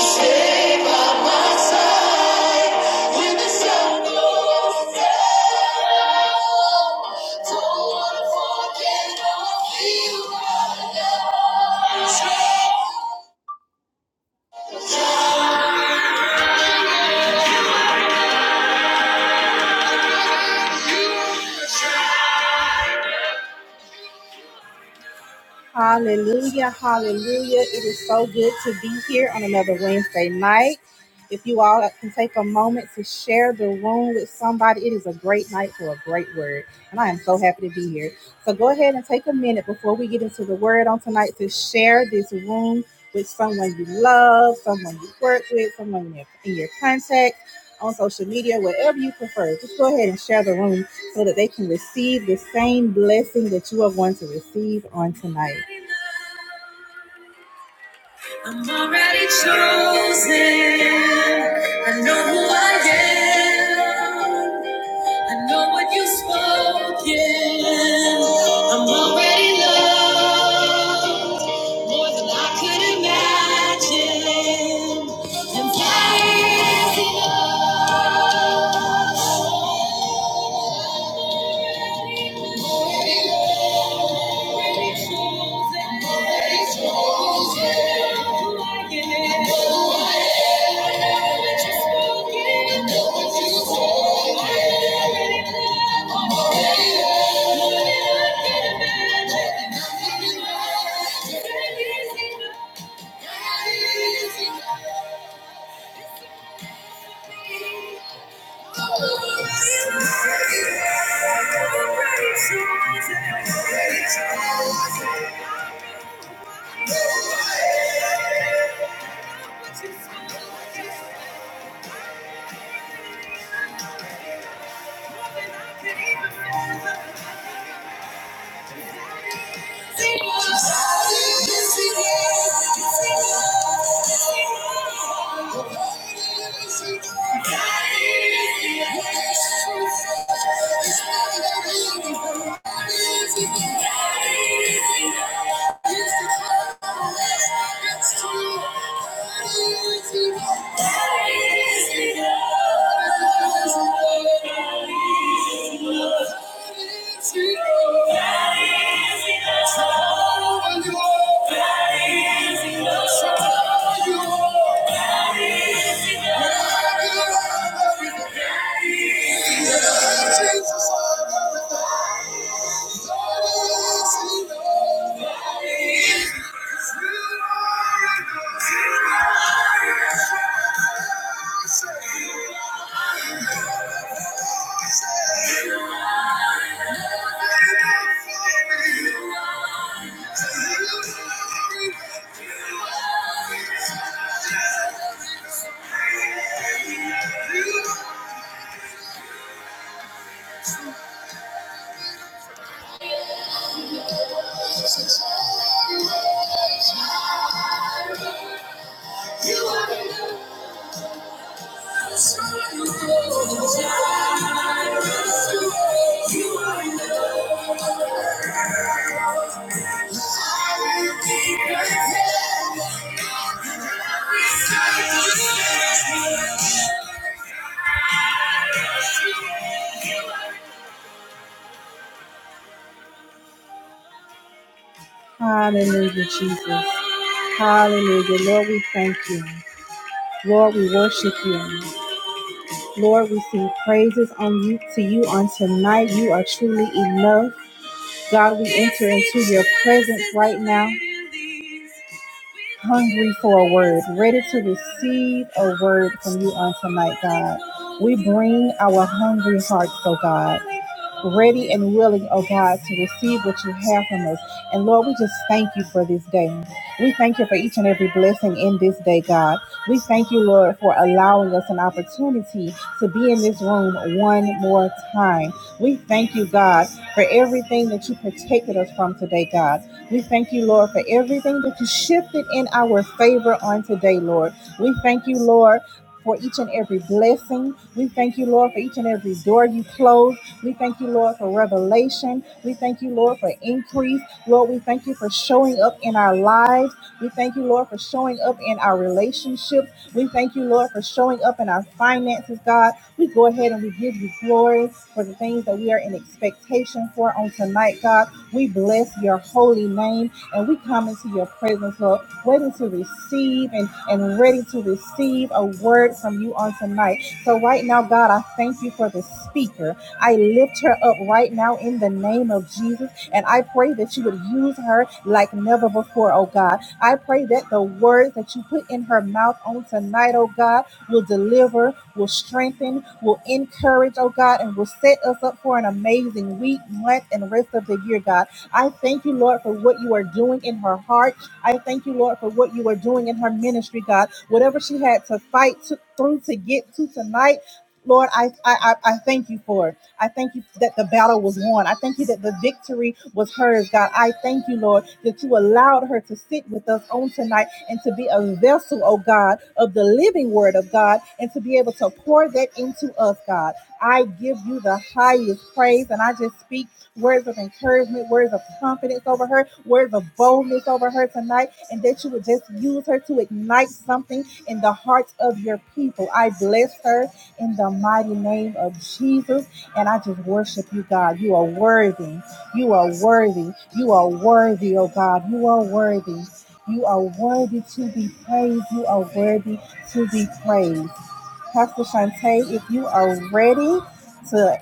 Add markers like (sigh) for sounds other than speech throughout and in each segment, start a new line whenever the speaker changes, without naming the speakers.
Stay by my side when the sun goes down. Don't wanna forget all you are now. Hallelujah, hallelujah. It is so good to be here on another Wednesday night. If you all can take a moment to share the room with somebody, it is a great night for a great word. And I am so happy to be here. So go ahead and take a minute before we get into the word on tonight to share this room with someone you love, someone you work with, someone in your, in your contact, on social media, whatever you prefer. Just go ahead and share the room so that they can receive the same blessing that you are going to receive on tonight. I'm already chosen. I know who I am. I know what you've spoken. I'm already loved more than I could imagine. And that is enough. Thank you. Thank you. Hallelujah, Jesus. Hallelujah. Lord, we thank you. Lord, we worship you. Lord, we sing praises on you to you on tonight. You are truly enough. God, we enter into your presence right now, hungry for a word, ready to receive a word from you on tonight, God. We bring our hungry hearts, oh God ready and willing, oh God, to receive what you have from us. And Lord, we just thank you for this day. We thank you for each and every blessing in this day, God. We thank you, Lord, for allowing us an opportunity to be in this room one more time. We thank you, God, for everything that you protected us from today, God. We thank you, Lord, for everything that you shifted in our favor on today, Lord. We thank you, Lord. For each and every blessing. We thank you, Lord, for each and every door you close. We thank you, Lord, for revelation. We thank you, Lord, for increase. Lord, we thank you for showing up in our lives. We thank you, Lord, for showing up in our relationships. We thank you, Lord, for showing up in our finances, God. We go ahead and we give you glory for the things that we are in expectation for on tonight, God. We bless your holy name and we come into your presence, Lord, waiting to receive and, and ready to receive a word from you on tonight. So, right now, God, I thank you for the speaker. I lift her up right now in the name of Jesus. And I pray that you would use her like never before, oh God. I pray that the words that you put in her mouth on tonight, oh God, will deliver, will strengthen, will encourage, oh God, and will set us up for an amazing week, month, and rest of the year, God. I thank you, Lord, for what you are doing in her heart. I thank you, Lord, for what you are doing in her ministry, God. Whatever she had to fight to, through to get to tonight, Lord, I, I, I I thank you for it. I thank you that the battle was won. I thank you that the victory was hers, God. I thank you, Lord, that you allowed her to sit with us on tonight and to be a vessel, oh God, of the living word of God and to be able to pour that into us, God. I give you the highest praise and I just speak words of encouragement, words of confidence over her, words of boldness over her tonight, and that you would just use her to ignite something in the hearts of your people. I bless her in the mighty name of Jesus. And I just worship you, God. You are worthy. You are worthy. You are worthy, oh God. You are worthy. You are worthy to be praised. You are worthy to be praised. Pastor Shante, if you are ready to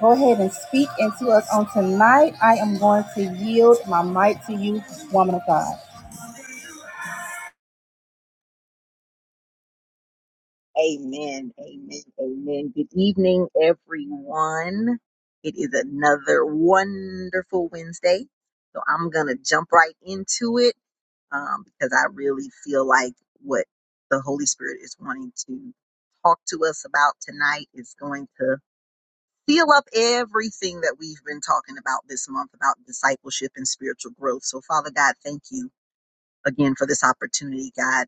go ahead and speak into us on tonight, I am going to yield my mic to you, woman of God.
Amen. Amen. Amen. Good evening, everyone. It is another wonderful Wednesday. So I'm going to jump right into it um, because I really feel like what the Holy Spirit is wanting to talk to us about tonight is going to seal up everything that we've been talking about this month about discipleship and spiritual growth. So, Father God, thank you again for this opportunity, God.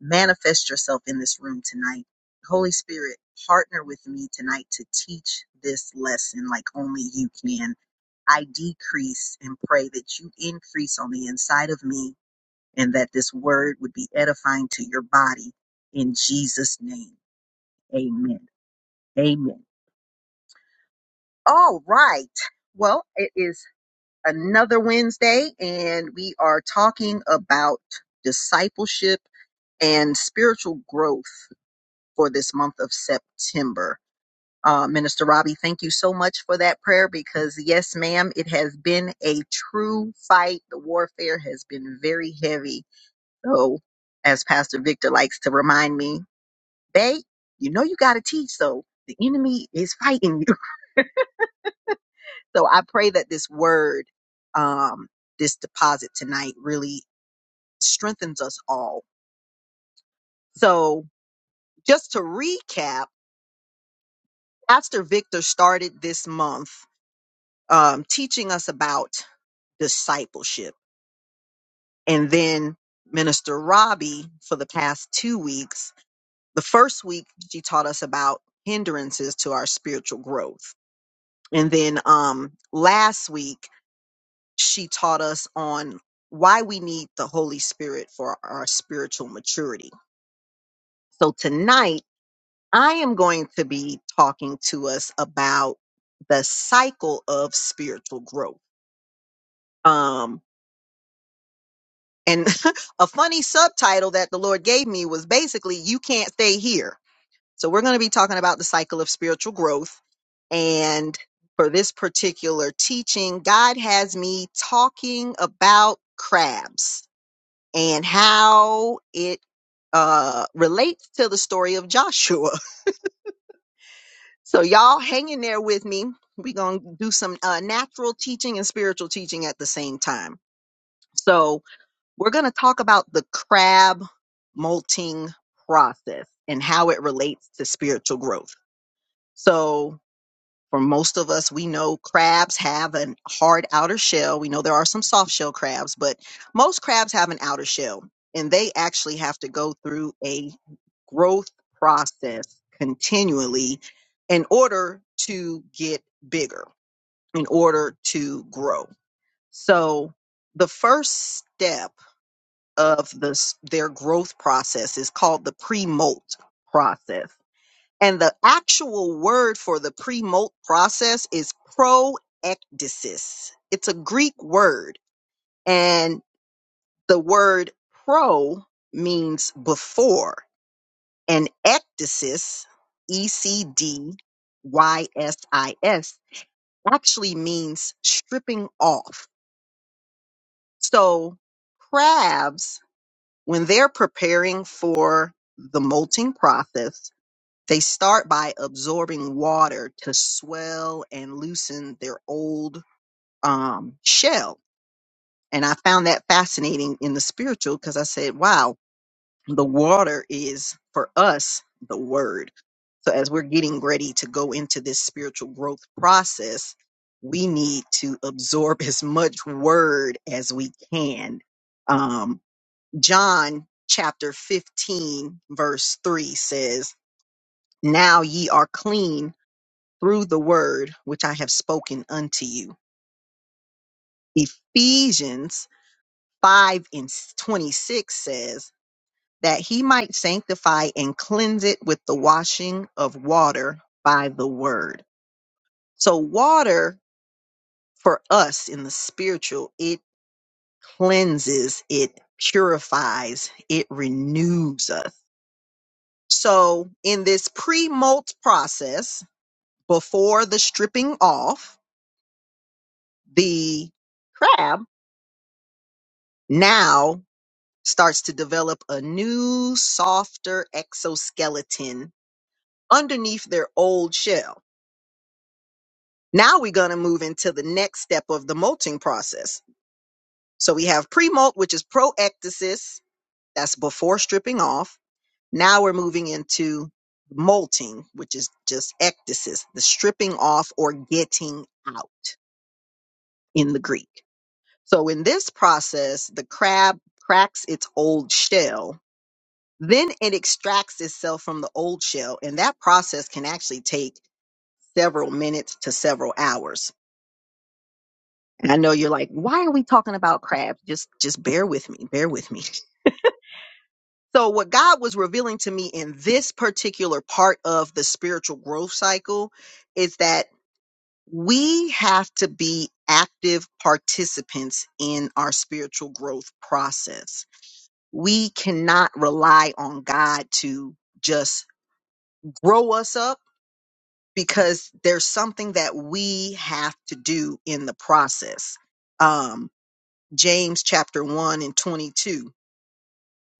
Manifest yourself in this room tonight. Holy Spirit, partner with me tonight to teach this lesson like only you can. I decrease and pray that you increase on the inside of me and that this word would be edifying to your body in Jesus' name. Amen. Amen. All right. Well, it is another Wednesday and we are talking about discipleship and spiritual growth. for this month of September. Uh, Minister Robbie, thank you so much for that prayer because, yes, ma'am, it has been a true fight. The warfare has been very heavy. So, as Pastor Victor likes to remind me, babe, you know you got to teach. So, the enemy is fighting you. (laughs) So, I pray that this word, um, this deposit tonight really strengthens us all. So, just to recap, Pastor Victor started this month. um, teaching us about discipleship. And then Minister Robbie, for the past two weeks, the first week she taught us about hindrances to our spiritual growth. And then um, last week, she taught us on why we need the Holy Spirit for our spiritual maturity. So tonight, I am going to be talking to us about the cycle of spiritual growth. Um, And (laughs) a funny subtitle that the Lord gave me was basically, You Can't Stay Here. So we're going to be talking about the cycle of spiritual growth. And for this particular teaching, God has me talking about crabs and how it uh, relates to the story of Joshua. (laughs) So y'all hang in there with me. We're going to do some uh, natural teaching and spiritual teaching at the same time. So We're going to talk about the crab molting process and how it relates to spiritual growth. So, for most of us, we know crabs have an hard outer shell. We know there are some soft shell crabs, but most crabs have an outer shell and they actually have to go through a growth process continually in order to get bigger, in order to grow. So, the first step of the their growth process is called the pre-molt process. And the actual word for the pre-molt process is proectasis. It's a Greek word and the word pro means before and ectasis, E C D Y S I S actually means stripping off. So crabs when they're preparing for the molting process, they start by absorbing water to swell and loosen their old um, shell. And I found that fascinating in the spiritual because I said, wow, the water is for us the word. So as we're getting ready to go into this spiritual growth process, we need to absorb (laughs) as much word as we can Um, John chapter 15, verse 3 says, Now ye are clean through the word which I have spoken unto you. Ephesians 5 and 26 says, That he might sanctify and cleanse it with the washing of water by the word. So, water for us in the spiritual, it cleanses, it purifies, it renews us So, in this pre molt process, before the stripping off, the crab now starts to develop a new, softer exoskeleton underneath their old shell. Now we're going to move into the next step of the molting process. So, we have pre molt, which is proectasis, that's before stripping off. Now we're moving into molting, which is just ectasis, the stripping off or getting out. in the Greek. So in this process, the crab cracks its old shell, then it extracts itself from the old shell. And that process can actually take several minutes to several hours. And I know you're like, why are we talking about crabs? Just just bear with me, bear with me. So what God was revealing to me in this particular part of the spiritual growth cycle is that we have to be active participants in our spiritual growth process we cannot rely on God to just grow us up because there's something that we have to do in the process. Um, James chapter 1 and 22.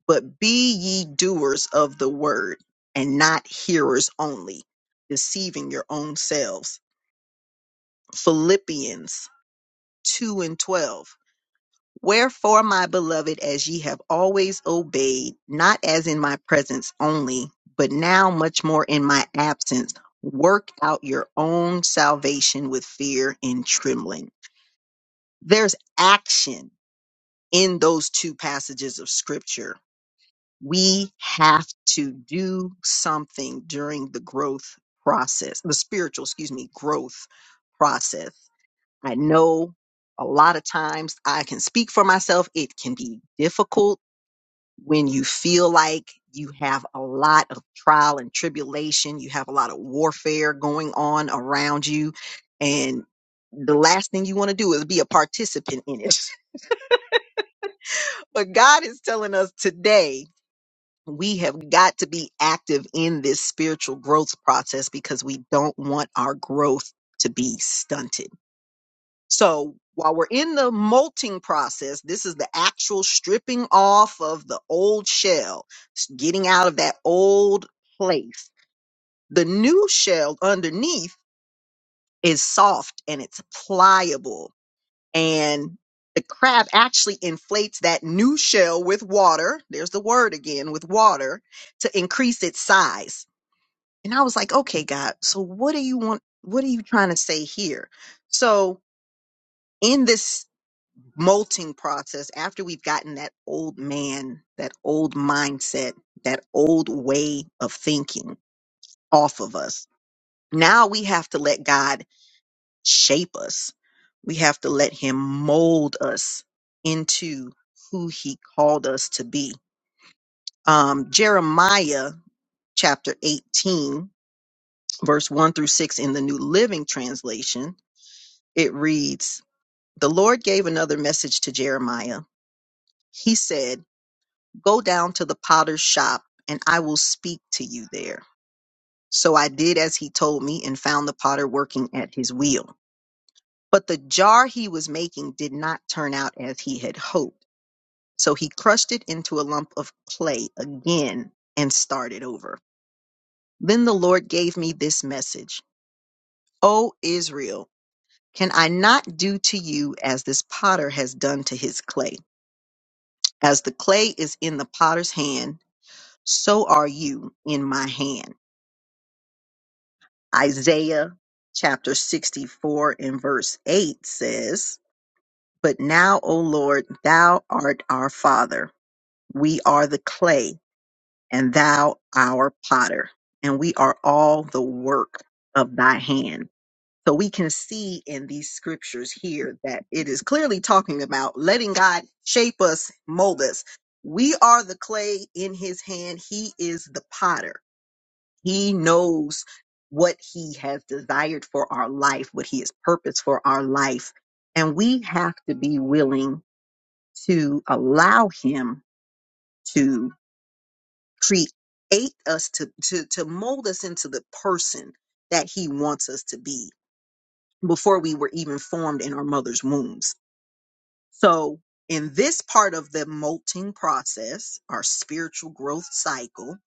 But be ye doers of the word and not hearers only, deceiving your own selves. Philippians 2 and 12. Wherefore, my beloved, as ye have always obeyed, not as in my presence only, but now much more in my absence, work out your own salvation with fear and trembling. There's action in those two passages of scripture. We have to do something during the growth process, the spiritual, excuse me, growth process. I know a lot of times I can speak for myself. It can be difficult when you feel like you have a lot of trial and tribulation, you have a lot of warfare going on around you, and the last thing you want to do is be a participant in it. (laughs) but God is telling us today we have got to be active in this spiritual growth process because we don't want our growth to be stunted. So while we're in the molting process, this is the actual stripping off of the old shell, s- getting out of that old place. The new shell underneath is soft and it's pliable. And the crab actually inflates that new shell with water. There's the word again with water to increase its size. And I was like, okay, God, so what do you want? What are you trying to say here? So in this molting process after we've gotten that old man, that old mindset, that old way of thinking off of us. Now we have to let God shape us. We have to let him mold us into who he called us to be. Um, Jeremiah chapter 18, verse 1 through 6 in the New Living Translation, it reads, The Lord gave another message to Jeremiah. He said, Go down to the potter's shop, and I will speak to you there. So I did as he told me and found the potter working at his wheel. But the jar he was making did not turn out as he had hoped. So he crushed it into a lump of clay again and started over. Then the Lord gave me this message O Israel, can I not do to you as this potter has done to his clay? As the clay is in the potter's hand, so are you in my hand. Isaiah chapter 64 and verse 8 says, But now, O Lord, thou art our Father. We are the clay, and thou our potter, and we are all the work of thy hand. So we can see in these scriptures here that it is clearly talking about letting God shape us, mold us. We are the clay in his hand, he is the potter he knows what He has desired for our life, what He has purposed for our life. And we have to be willing to allow Him to create us, to, to, to mold us into the person that He wants us to be before we were even formed in our mother's wombs. So, in this part of the molting process, our spiritual growth cycle,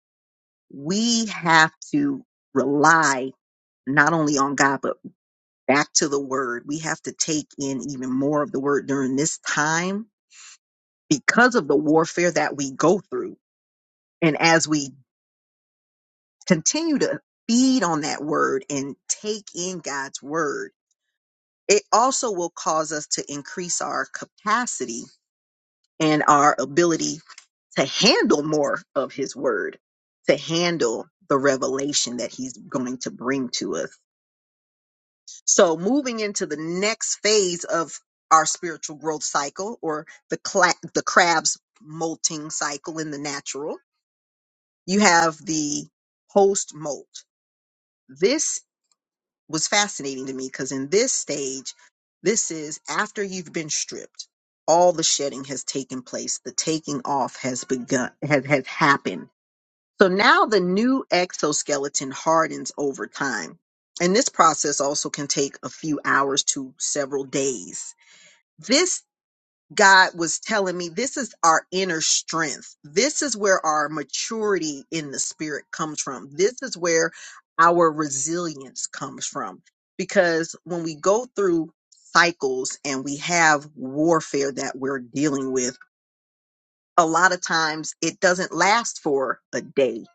we have to rely not only on God, but back to the word. We have to take in even more of the word during this time because of the warfare that we go through. And as we continue to feed on that word and take in God's word, it also will cause us to increase our capacity and our ability to handle more of his word, to handle the revelation that he's going to bring to us So, moving into the next phase of our spiritual growth cycle or the cla- the crab's molting cycle in the natural, you have the post molt. This was fascinating to me because in this stage, this is after you've been stripped. All the shedding has taken place. The taking off has begun, has, has happened so now the new exoskeleton hardens over time. And this process also can take a few hours to several days. This God was telling me this is our inner strength. This is where our maturity in the spirit comes from. This is where our resilience comes from. Because when we go through cycles and we have warfare that we're dealing with, a lot of times it doesn't last for a day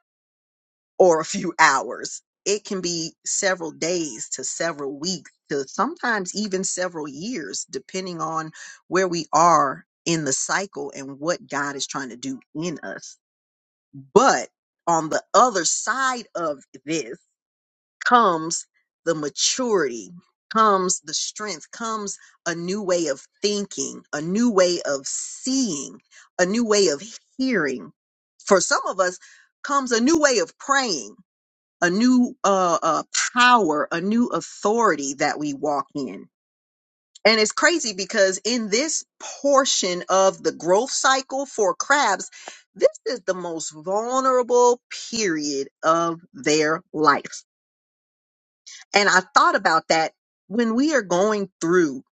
or a few hours. It can be several days to several weeks to sometimes even several years, depending on where we are in the cycle and what God is trying to do in us. But on the other side of this comes the maturity, comes the strength, comes a new way of thinking, a new way of seeing, a new way of hearing. For some of us, comes a new way of praying a new uh, uh, power, a new authority that we walk in. And it's crazy because in this portion of the growth cycle for crabs, this is the most vulnerable period of their life. And I thought about that when we are going through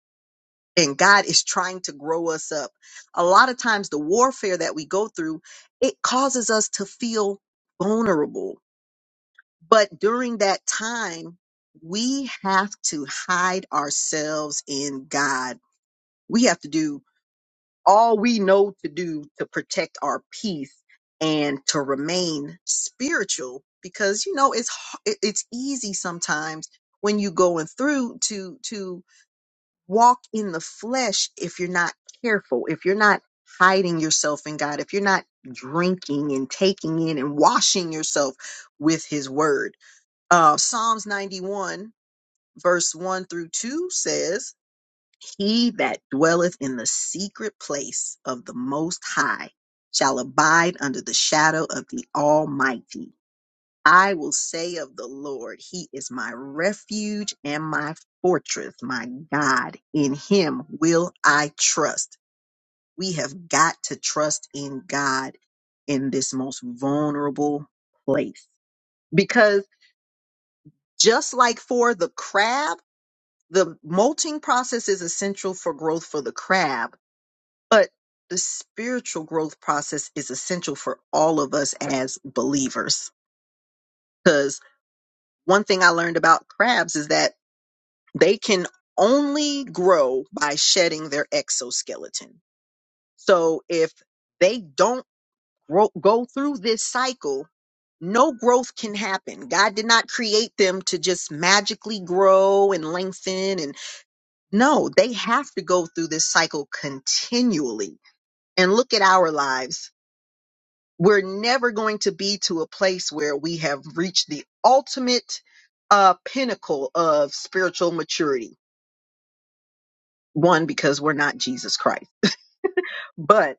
and God is trying to grow us up. A lot of times the warfare that we go through, it causes us to feel vulnerable But during that time, we have to hide ourselves in God. We have to do all we know to do to protect our peace and to remain spiritual because you know it's h- it- it's easy sometimes when you are going through to to walk in the flesh if you're not careful if you're not hiding yourself in God if you're not drinking and taking in and washing yourself with his word uh, Psalms 91, verse 1 through 2 says, He that dwelleth in the secret place of the Most High shall abide under the shadow of the Almighty. I will say of the Lord, He is my refuge and my fortress, my God. In Him will I trust. We have got to trust in God in this most vulnerable place because just like for the crab, The molting process is essential for growth for the crab, but the spiritual growth process is essential for all of us as believers. Because one thing I learned about crabs is that they can only grow by shedding their exoskeleton. So if they don't grow, go through this cycle, no growth can happen. God did not create them to just magically grow and lengthen and No, they have to go through this cycle continually. And look at our lives. We're never going to be to a place where we have reached the ultimate uh, pinnacle of spiritual maturity. One, because we're not Jesus Christ, but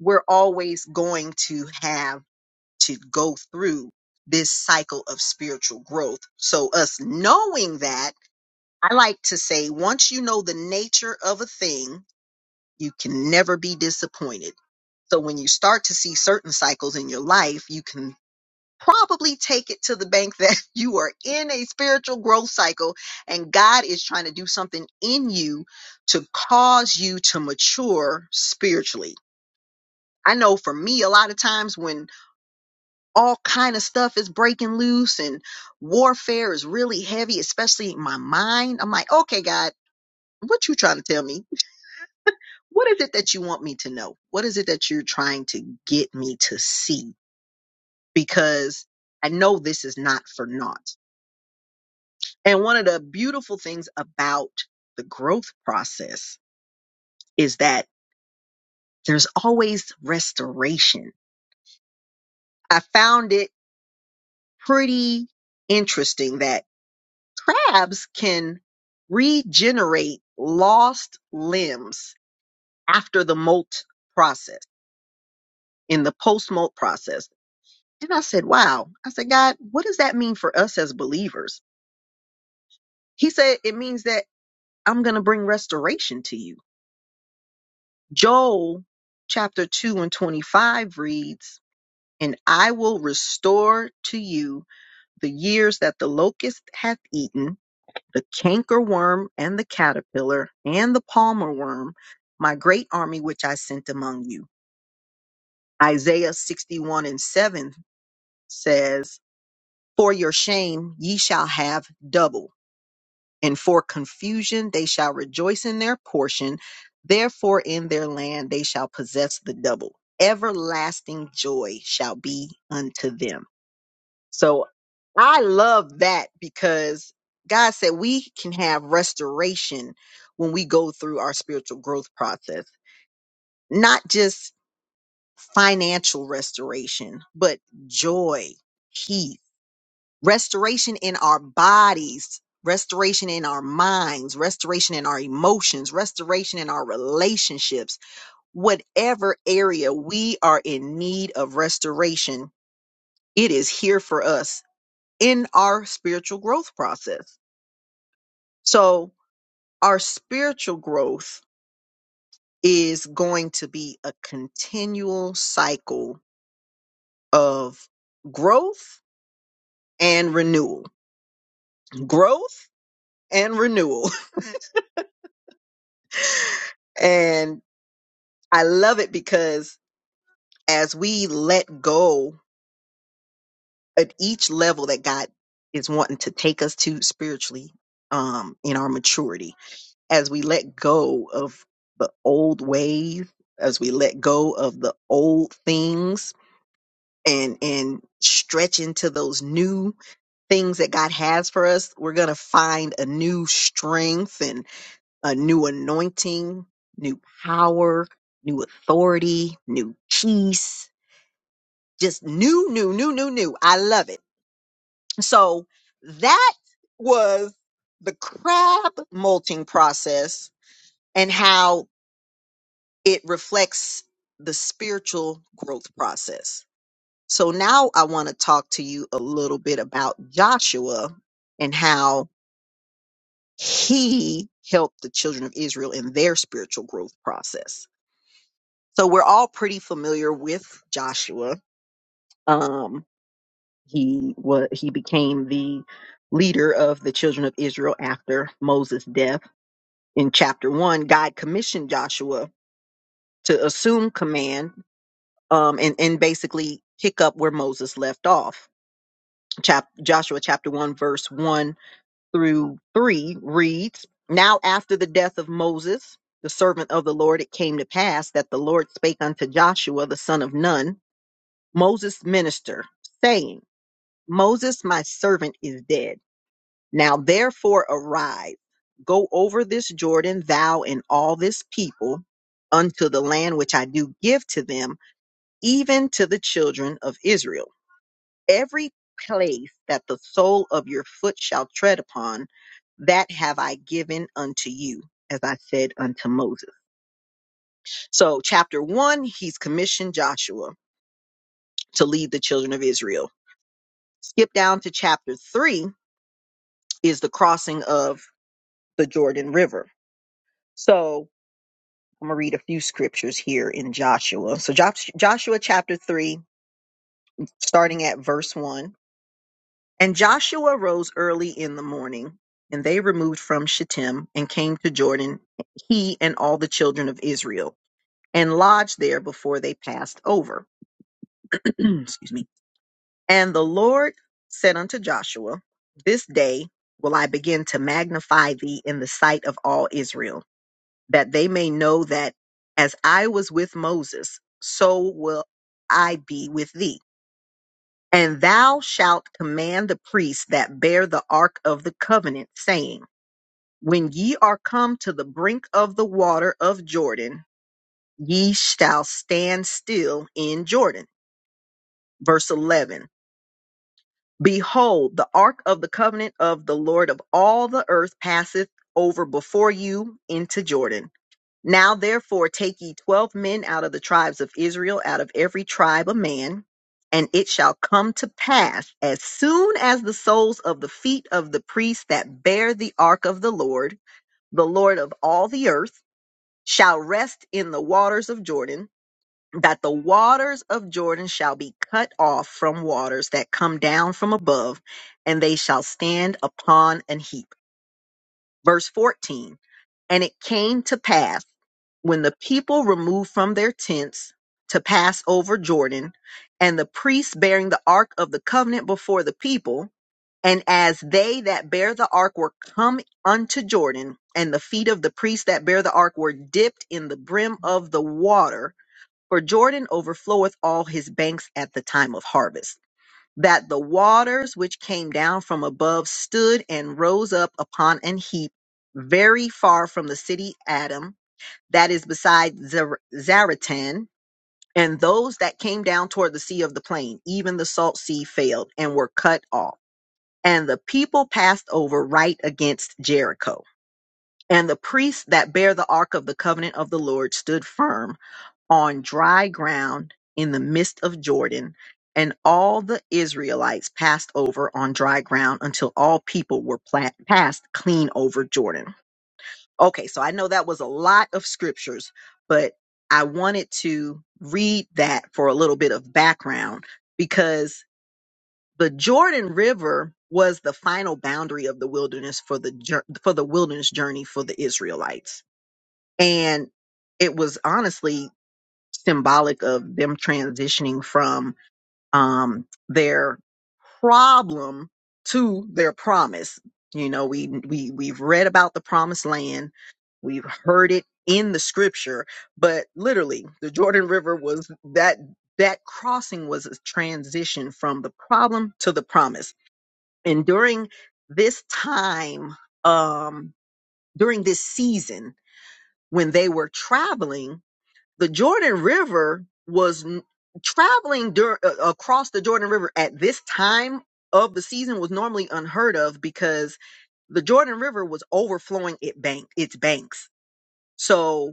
we're always going to have to go through this cycle of spiritual growth. So, us knowing that, I like to say, once you know the nature of a thing, you can never be disappointed So when you start to see certain cycles in your life, you can probably take it to the bank that (laughs) you are in a spiritual growth cycle and God is trying to do something in you to cause you to mature spiritually. I know for me a lot of times when all kind of stuff is breaking loose and warfare is really heavy, especially in my mind, I'm like, "Okay, God, what you trying to tell me? What is it that you want me to know? What is it that you're trying to get me to see?" because I know this is not for naught. And one of the beautiful things about the growth process is that there's always restoration. I found it pretty interesting that crabs can regenerate lost limbs after the molt process, in the post molt process. And I said, wow. I said, God, what does that mean for us as believers? He said, it means that I'm going to bring restoration to you. Joel chapter 2 and 25 reads, And I will restore to you the years that the locust hath eaten, the cankerworm and the caterpillar and the palmer worm, my great army which I sent among you. Isaiah 61 and 7 says, For your shame ye shall have double. and for confusion they shall rejoice in their portion. Therefore, in their land they shall possess the double. Everlasting joy shall be unto them. So I love that because God said we can have restoration when we go through our spiritual growth process, not just financial restoration, but joy, peace restoration in our bodies, restoration in our minds, restoration in our emotions, restoration in our relationships, whatever area we are in need of restoration, it is here for us in our spiritual growth process. So, our spiritual growth is going to be a continual cycle of growth and renewal, growth and renewal. (laughs) and. I love it because as we let go at each level that God is wanting to take us to spiritually, um, in our maturity, as we let go of the old ways, as we let go of the old things and and stretch into those new things that God has for us, we're gonna find a new strength and a new anointing, new power, new authority, new peace Just new, new, new, new, new. I love it. So that was the crab molting process and how it reflects the spiritual growth process. So now I want to talk to you a little bit about Joshua and how he helped the children of Israel in their spiritual growth process. So we're all pretty familiar with Joshua. Um, He was he became the leader of the children of Israel after Moses' death. In chapter one, God commissioned Joshua to assume command um, and and basically pick up where Moses left off. Chap- Joshua chapter one verse one through three reads: Now after the death of Moses, the servant of the Lord, it came to pass that the Lord spake unto Joshua the son of Nun, Moses' minister, saying, Moses, my servant, is dead. Now therefore arise, go over this Jordan, thou and all this people, unto the land which I do give to them, even to the children of Israel. Every place that the sole of your foot shall tread upon, that have I given unto you, as I said unto Moses. So, chapter one, he's commissioned Joshua to lead the children of Israel. Skip down to chapter three is the crossing of the Jordan River. So, I'm going to read a few scriptures here in Joshua. So Josh, Joshua chapter 3, starting at verse 1. And Joshua rose early in the morning, and they removed from Shittim and came to Jordan, he and all the children of Israel, and lodged there before they passed over. (clears throat) Excuse me. And the Lord said unto Joshua, This day will I begin to magnify thee in the sight of all Israel that they may know that as I was with Moses, so will I be with thee. And thou shalt command the priests that bear the ark of the covenant, saying, When ye are come to the brink of the water of Jordan, ye shall stand still in Jordan. Verse 11 Behold, the ark of the covenant of the Lord of all the earth passeth over before you into Jordan Now therefore take ye twelve men out of the tribes of Israel, out of every tribe a man, and it shall come to pass as soon as the soles of the feet of the priests that bear the ark of the Lord, the Lord of all the earth, shall rest in the waters of Jordan, that the waters of Jordan shall be cut off from waters that come down from above, and they shall stand upon an heap. Verse 14 And it came to pass when the people removed from their tents to pass over Jordan, and the priests bearing the ark of the covenant before the people, and as they that bear the ark were come unto Jordan, and the feet of the priests that bear the ark were dipped in the brim of the water, for Jordan overfloweth all his banks at the time of harvest that the waters which came down from above stood and rose up upon an heap very far from the city Adam, that is beside Zer- Zaratan, and those that came down toward the sea of the plain, even the salt sea failed and were cut off. And the people passed over right against Jericho. And the priests that bear the ark of the covenant of the Lord stood firm on dry ground in the midst of Jordan, and all the Israelites passed over on dry ground until all people were pla- passed clean over Jordan. Okay, so I know that was a lot of scriptures, but I wanted to read that for a little bit of background because the Jordan River was the final boundary of the wilderness for the jour- for the wilderness journey for the Israelites. And it was honestly symbolic of them transitioning from um, their problem to their promise. You know, we we we've read about the promised land, we've heard it in the scripture, but literally, the Jordan River was that that crossing was a transition from the problem to the promise. And during this time, um, during this season when they were traveling the Jordan River was n- traveling dur- uh, across the Jordan River at this time of the season was normally unheard of because the Jordan River was overflowing it bank its banks. So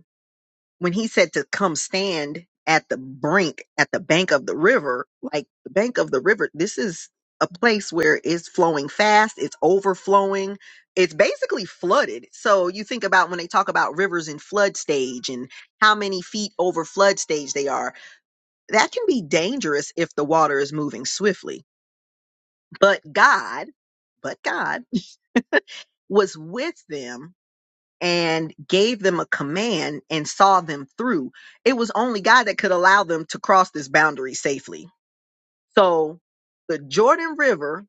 when he said to come stand at the brink, at the bank of the river, like the bank of the river, this is a place where it's flowing fast, it's overflowing, it's basically flooded. So you think about when they talk about rivers in flood stage and how many feet over flood stage they are, that can be dangerous if the water is moving swiftly. But God, but God was with them and gave them a command and saw them through. It was only God that could allow them to cross this boundary safely. So the Jordan River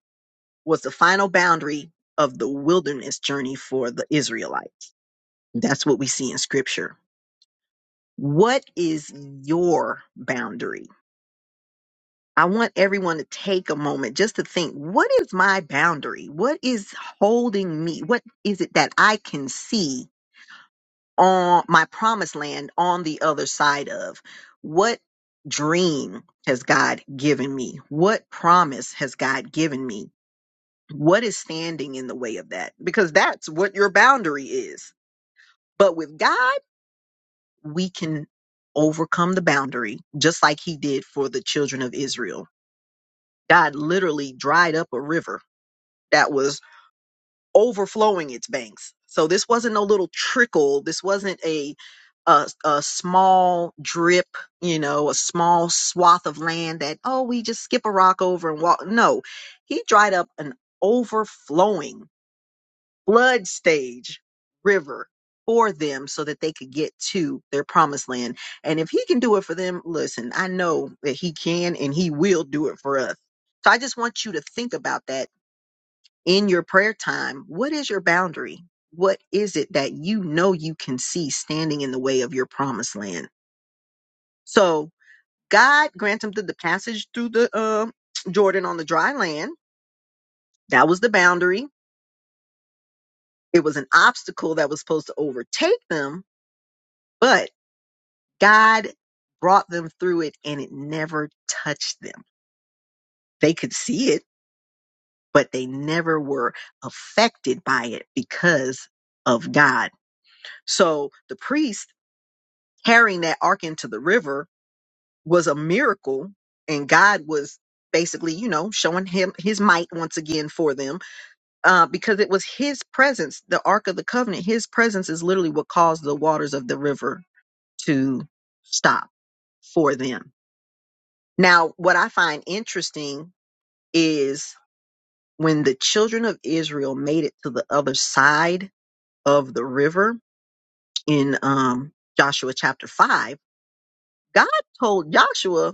was the final boundary of the wilderness journey for the Israelites. That's what we see in scripture. What is your boundary? I want everyone to take a moment just to think what is my boundary? What is holding me? What is it that I can see on my promised land on the other side of? What dream has God given me? What promise has God given me? What is standing in the way of that? Because that's what your boundary is. But with God, we can overcome the boundary, just like He did for the children of Israel. God literally dried up a river that was overflowing its banks. So this wasn't no little trickle. This wasn't a a, a small drip, you know, a small swath of land that oh we just skip a rock over and walk. No, he dried up an overflowing flood stage river for them so that they could get to their promised land. And if he can do it for them, listen, I know that he can and he will do it for us. So I just want you to think about that in your prayer time, what is your boundary? What is it that you know you can see standing in the way of your promised land? So God granted them the, passage through the uh, Jordan on the dry land. That was the boundary. It was an obstacle that was supposed to overtake them, but God brought them through it and it never touched them. They could see it, but they never were affected by it because of God. So the priest carrying that ark into the river was a miracle and god was basically you know showing him his might once again for them uh, because it was his presence the ark of the covenant his presence is literally what caused the waters of the river to stop for them now what i find interesting is when the children of israel made it to the other side of the river in um, joshua chapter 5 god told joshua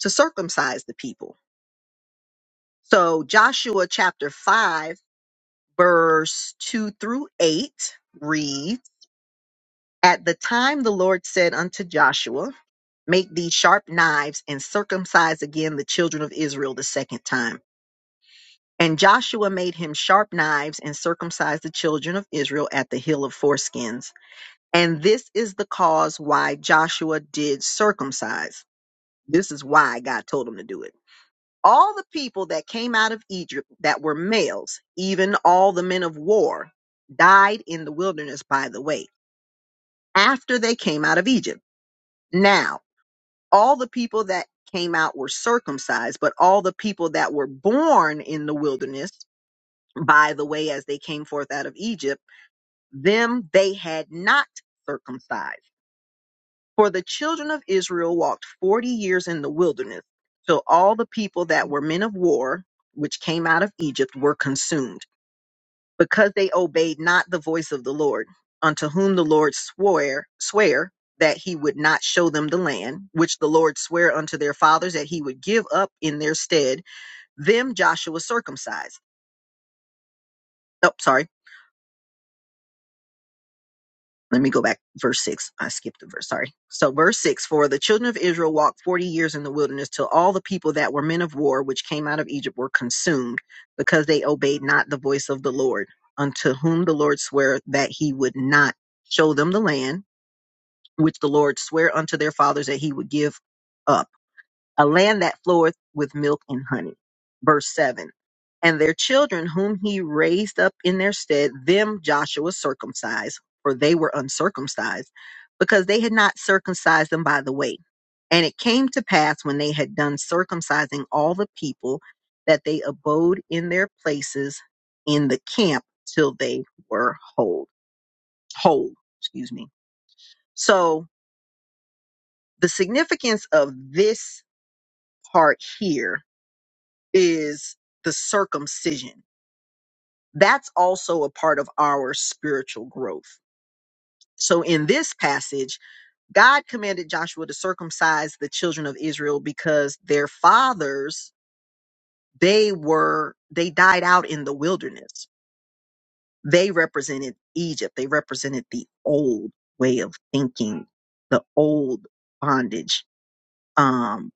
to circumcise the people. So Joshua chapter 5, verse 2 through 8 reads At the time the Lord said unto Joshua, Make thee sharp knives and circumcise again the children of Israel the second time. And Joshua made him sharp knives and circumcised the children of Israel at the hill of foreskins. And this is the cause why Joshua did circumcise. This is why God told him to do it All the people that came out of Egypt that were males, even all the men of war, died in the wilderness by the way, after they came out of Egypt. Now, all the people that came out were circumcised, but all the people that were born in the wilderness by the way as they came forth out of Egypt, them they had not circumcised For the children of Israel walked forty years in the wilderness, till all the people that were men of war, which came out of Egypt, were consumed, because they obeyed not the voice of the Lord, unto whom the Lord swore, swear that he would not show them the land, which the Lord sware unto their fathers that he would give up in their stead, them Joshua circumcised. Oh, sorry. let me go back verse 6 i skipped the verse sorry so verse 6 for the children of israel walked 40 years in the wilderness till all the people that were men of war which came out of egypt were consumed because they obeyed not the voice of the lord unto whom the lord sware that he would not show them the land which the lord sware unto their fathers that he would give up a land that floweth with milk and honey. Verse 7 And their children, whom he raised up in their stead, them Joshua circumcised, for they were uncircumcised, because they had not circumcised them by the way. And it came to pass when they had done circumcising all the people that they abode in their places in the camp till they were whole. Whole, excuse me. So the significance of this part here is the circumcision. That's also a part of our spiritual growth. So in this passage, God commanded Joshua to circumcise the children of Israel because their fathers, they were, they died out in the wilderness. They represented Egypt. They represented the old way of thinking, the old bondage, um,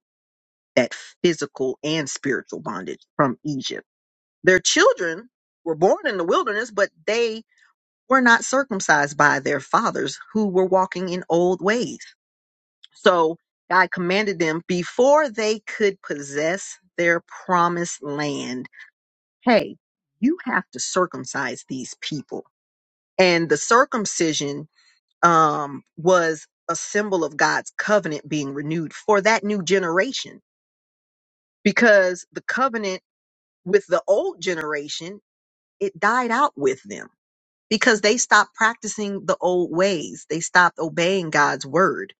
that physical and spiritual bondage from Egypt Their children were born in the wilderness, but they were not circumcised by their fathers who were walking in old ways. So God commanded them before they could possess their promised land hey, you have to circumcise these people. And the circumcision um, was a symbol of God's covenant being renewed for that new generation because the covenant with the old generation, it died out with them because they stopped practicing the old ways. They stopped obeying God's word.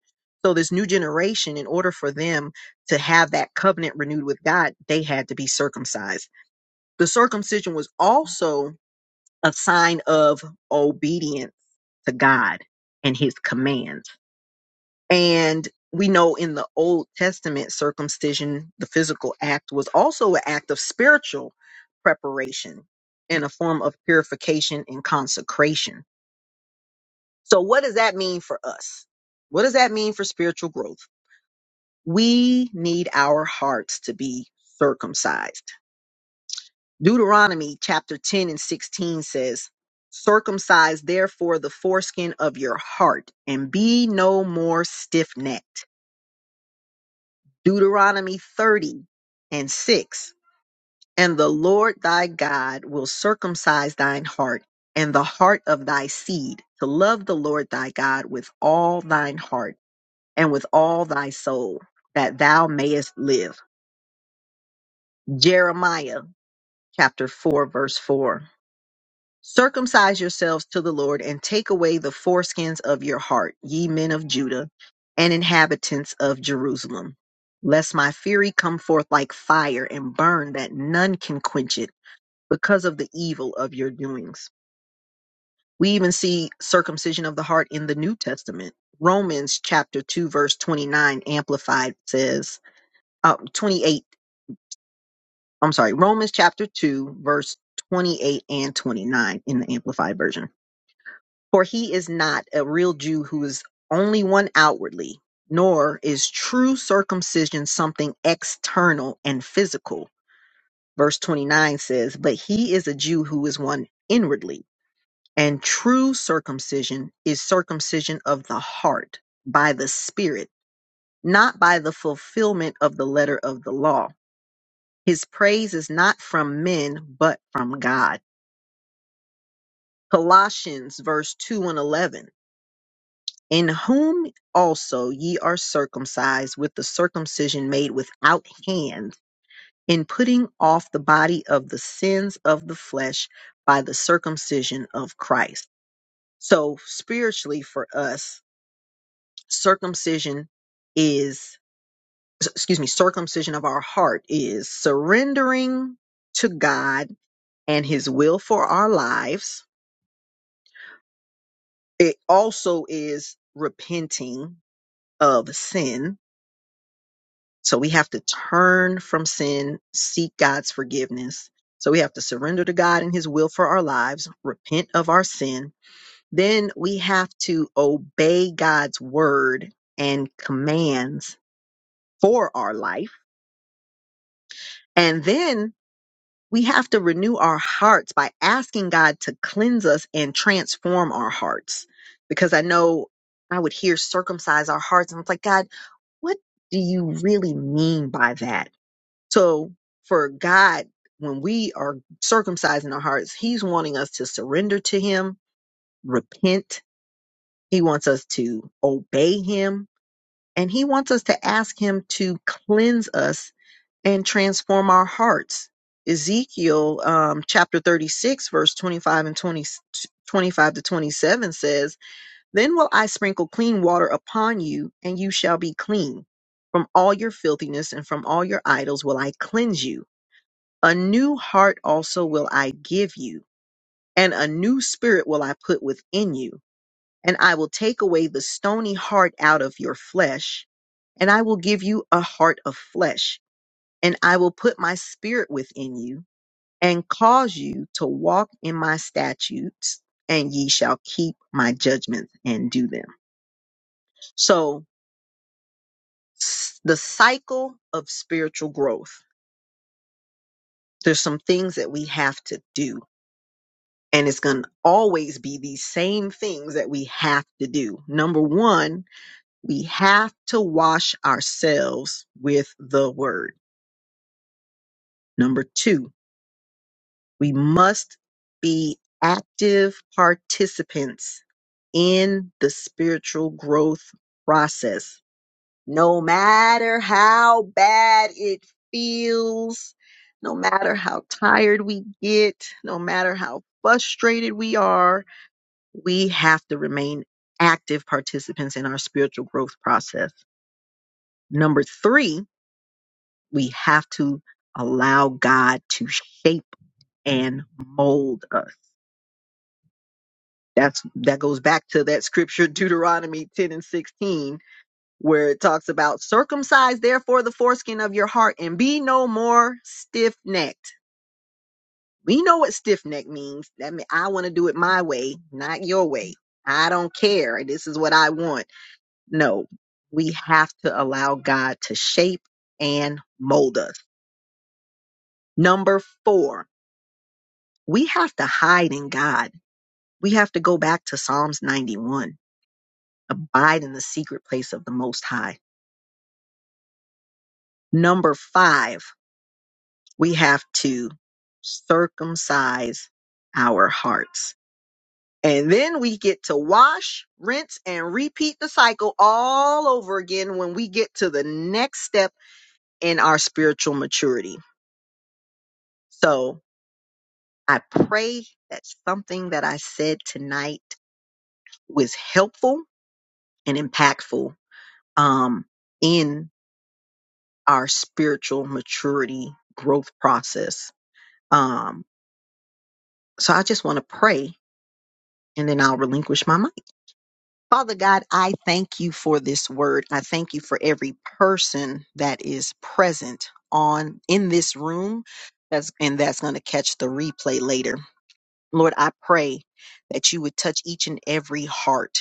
So, this new generation, in order for them to have that covenant renewed with God, they had to be circumcised. The circumcision was also a sign of obedience to God and his commands. And we know in the Old Testament, circumcision, the physical act, was also an act of spiritual preparation and a form of purification and consecration So, what does that mean for us? What does that mean for spiritual growth? We need our hearts to be circumcised. Deuteronomy chapter 10 and 16 says, Circumcise therefore the foreskin of your heart and be no more stiff necked. Deuteronomy 30 and 6. And the Lord thy God will circumcise thine heart and the heart of thy seed to love the Lord thy God with all thine heart and with all thy soul, that thou mayest live. Jeremiah chapter 4, verse 4. Circumcise yourselves to the Lord and take away the foreskins of your heart, ye men of Judah and inhabitants of Jerusalem, lest my fury come forth like fire and burn that none can quench it because of the evil of your doings. We even see circumcision of the heart in the New Testament. Romans chapter 2, verse 29, amplified says, uh, 28 I'm sorry, Romans chapter 2, verse 28 and 29 in the Amplified Version. For he is not a real Jew who is only one outwardly, nor is true circumcision something external and physical. Verse 29 says, But he is a Jew who is one inwardly, and true circumcision is circumcision of the heart by the Spirit, not by the fulfillment of the letter of the law. His praise is not from men, but from God. Colossians verse 2 and 11. In whom also ye are circumcised with the circumcision made without hand, in putting off the body of the sins of the flesh by the circumcision of Christ. So, spiritually for us, circumcision is, s- excuse me, circumcision of our heart is surrendering to God and His will for our lives. It also is repenting of sin. So we have to turn from sin, seek God's forgiveness. So we have to surrender to God and His will for our lives, repent of our sin. Then we have to obey God's word and commands for our life. And then we have to renew our hearts by asking God to cleanse us and transform our hearts. Because I know I would hear circumcise our hearts, and it's like, God, what do you really mean by that? So for God, when we are circumcising our hearts, He's wanting us to surrender to Him, repent. He wants us to obey Him, and He wants us to ask Him to cleanse us and transform our hearts. Ezekiel um, chapter 36, verse 25 and 20 25 to 27 says, Then will I sprinkle clean water upon you, and you shall be clean. From all your filthiness and from all your idols will I cleanse you a new heart also will I give you, and a new spirit will I put within you. And I will take away the stony heart out of your flesh, and I will give you a heart of flesh. And I will put my spirit within you, and cause you to walk in my statutes, and ye shall keep my judgments and do them. So, s- the cycle of spiritual growth, there's some things that we have to do and it's going to always be these same things that we have to do. Number one, we have to wash ourselves with the word. Number two, we must be active participants in the spiritual growth process. No matter how bad it feels, no matter how tired we get, no matter how frustrated we are, we have to remain active participants in our spiritual growth process. Number three, we have to allow God to shape and mold us. That's that goes back to that scripture Deuteronomy 10 and 16 where it talks about circumcise therefore the foreskin of your heart and be no more stiff-necked. We know what stiff-neck means. That means I want to do it my way, not your way. I don't care. This is what I want No, we have to allow God to shape and mold us. Number four, we have to hide in God. We have to go back to Psalms 91, abide in the secret place of the Most High. Number five, we have to circumcise our hearts. And then we get to wash, rinse, and repeat the cycle all over again when we get to the next step in our spiritual maturity. So I pray that something that I said tonight was helpful and impactful um, in our spiritual maturity growth process. Um, so I just want to pray and then I'll relinquish my mic. Father God, I thank you for this word. I thank you for every person that is present on in this room that's and that's going to catch the replay later. Lord, I pray that you would touch each and every heart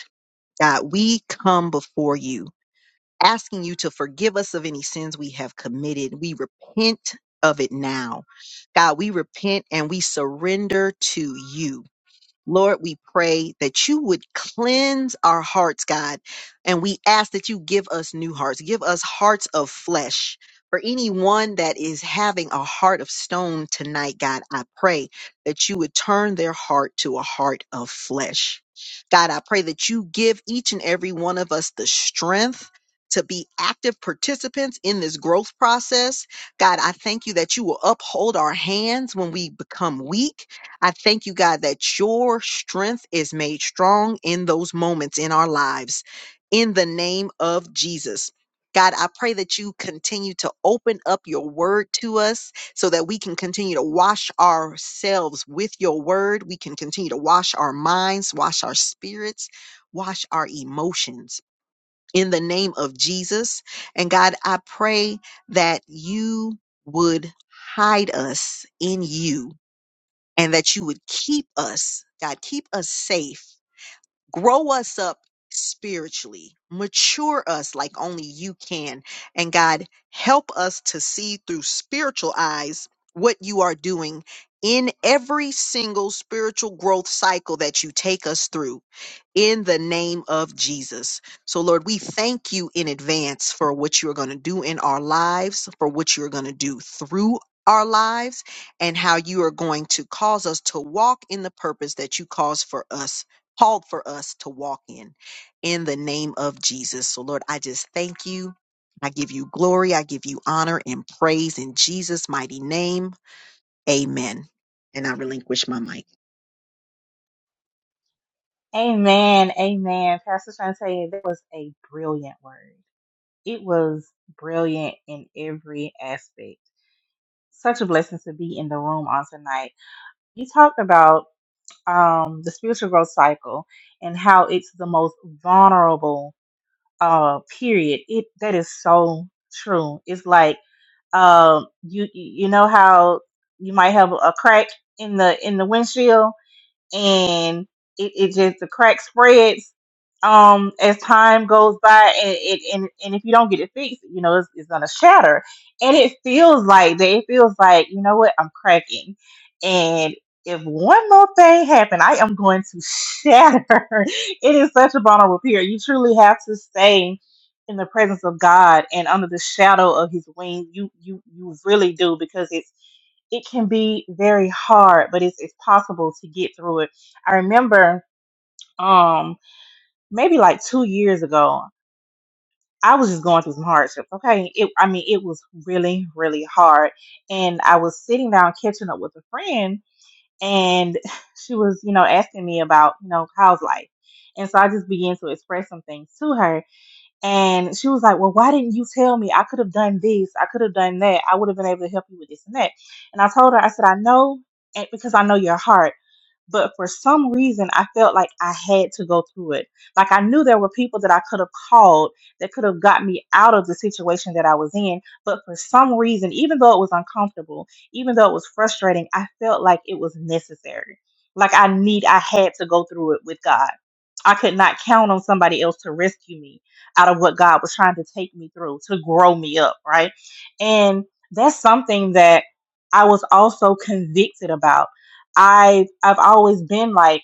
God, we come before you asking you to forgive us of any sins we have committed. We repent of it now. God, we repent and we surrender to you. Lord, we pray that you would cleanse our hearts, God. And we ask that you give us new hearts, give us hearts of flesh. For anyone that is having a heart of stone tonight, God, I pray that you would turn their heart to a heart of flesh. God, I pray that you give each and every one of us the strength to be active participants in this growth process. God, I thank you that you will uphold our hands when we become weak I thank you, God, that your strength is made strong in those moments in our lives. In the name of Jesus. God, I pray that you continue to open up your word to us so that we can continue to wash ourselves with your word. We can continue to wash our minds, wash our spirits, wash our emotions in the name of Jesus. And God, I pray that you would hide us in you and that you would keep us, God, keep us safe grow us up spiritually, mature us like only you can. And God, help us to see through spiritual eyes what you are doing in every single spiritual growth cycle that you take us through in the name of Jesus. So, Lord, we thank you in advance for what you're going to do in our lives, for what you're going to do through our lives, and how you are going to cause us to walk in the purpose that you cause for us called for us to walk in, in the name of Jesus. So, Lord, I just thank you. I give you glory. I give you honor and praise in Jesus' mighty name. Amen. And I relinquish my mic.
Amen. Amen. Pastor Shante, that was a brilliant word. It was brilliant in every aspect. such a blessing to be in the room on tonight. You talked about um, the spiritual growth cycle and how it's the most vulnerable uh, period. It that is so true. It's like um, you you you know how you might have a crack in the in the windshield and it, it just the crack spreads um as time goes by and it and, and if you don't get it fixed you know it's, it's gonna shatter and it feels like that it feels like you know what i'm cracking and if one more thing happen i am going to shatter (laughs) it is such a vulnerable period you truly have to stay in the presence of god and under the shadow of his wing you you you really do because it's it can be very hard, but it's it's possible to get through it. I remember um maybe like 2 years ago, I was just going through some hardships, okay? It I mean, it was really really hard and I was sitting down catching up with a friend and (laughs) she was, you know, asking me about, you know, how's life. And so I just began to express some things to her and she was like, Well, why didn't you tell me? I could have done this. I could have done that. I would have been able to help you with this and that. And I told her, I said, I know and because I know your heart. But for some reason, I felt like I had to go through it. Like I knew there were people that I could have called that could have got me out of the situation that I was in. But for some reason, even though it was uncomfortable, even though it was frustrating, I felt like it was necessary. Like I need, I had to go through it with God. I could not count on somebody else to rescue me out of what God was trying to take me through to grow me up, right? And that's something that I was also convicted about. I I've always been like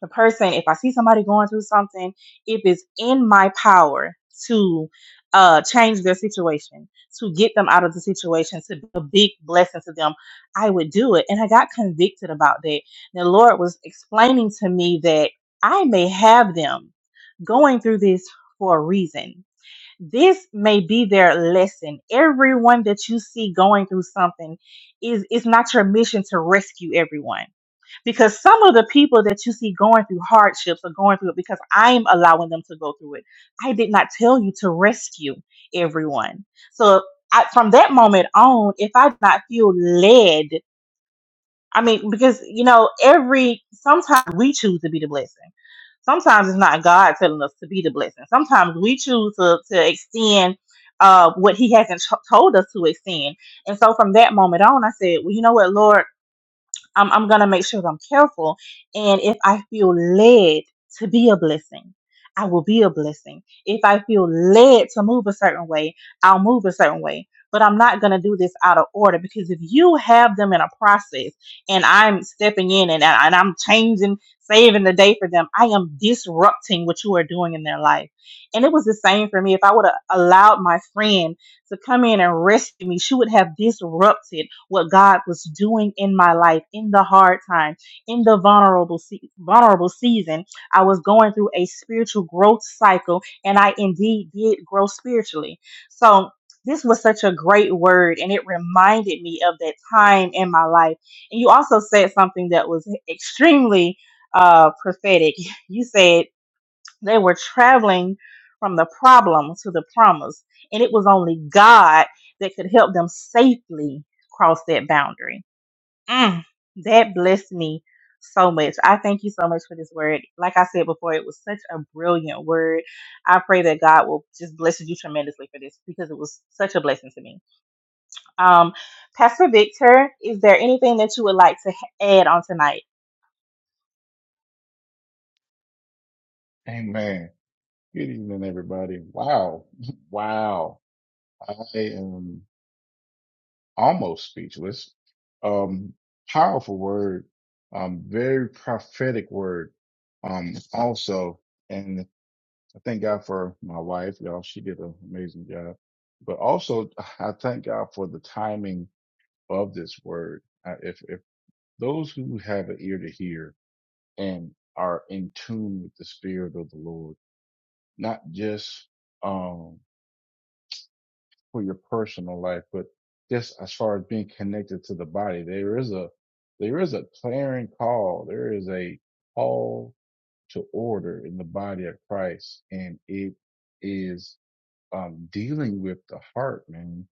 the person, if I see somebody going through something, if it's in my power to uh, change their situation, to get them out of the situation, to be a big blessing to them, I would do it. And I got convicted about that. And The Lord was explaining to me that I may have them going through this for a reason. This may be their lesson. Everyone that you see going through something is it's not your mission to rescue everyone because some of the people that you see going through hardships are going through it because I'm allowing them to go through it. I did not tell you to rescue everyone. So I, from that moment on, if I did not feel led, I mean, because you know, every sometimes we choose to be the blessing. Sometimes it's not God telling us to be the blessing. Sometimes we choose to, to extend uh, what He hasn't t- told us to extend. And so from that moment on, I said, well, you know what, Lord. I'm, I'm going to make sure that I'm careful. And if I feel led to be a blessing, I will be a blessing. If I feel led to move a certain way, I'll move a certain way. But I'm not going to do this out of order because if you have them in a process and I'm stepping in and, and I'm changing, saving the day for them, I am disrupting what you are doing in their life. And it was the same for me. If I would have allowed my friend to come in and rescue me, she would have disrupted what God was doing in my life in the hard time, in the vulnerable se- vulnerable season. I was going through a spiritual growth cycle, and I indeed did grow spiritually. So. This was such a great word, and it reminded me of that time in my life. And you also said something that was extremely uh, prophetic. (laughs) You said they were traveling from the problem to the promise, and it was only God that could help them safely cross that boundary. Mm, that blessed me so much. I thank you so much for this word. Like I said before, it was such a brilliant word. I pray that God will just bless you tremendously for this because it was such a blessing to me. Um, Pastor Victor, is there anything that you would like to h- add on tonight?
Amen. Good evening, everybody. Wow. (laughs) Wow. I am almost speechless. Um, powerful word. Um, very prophetic word. Um, also, and I thank God for my wife, y'all. She did an amazing job. But also, I thank God for the timing of this word. Uh, if, if those who have an ear to hear and are in tune with the spirit of the Lord, not just, um, for your personal life, but just as far as being connected to the body, there is a there is a clarion call. There is a call to order in the body of Christ, and it is um, dealing with the heart, man.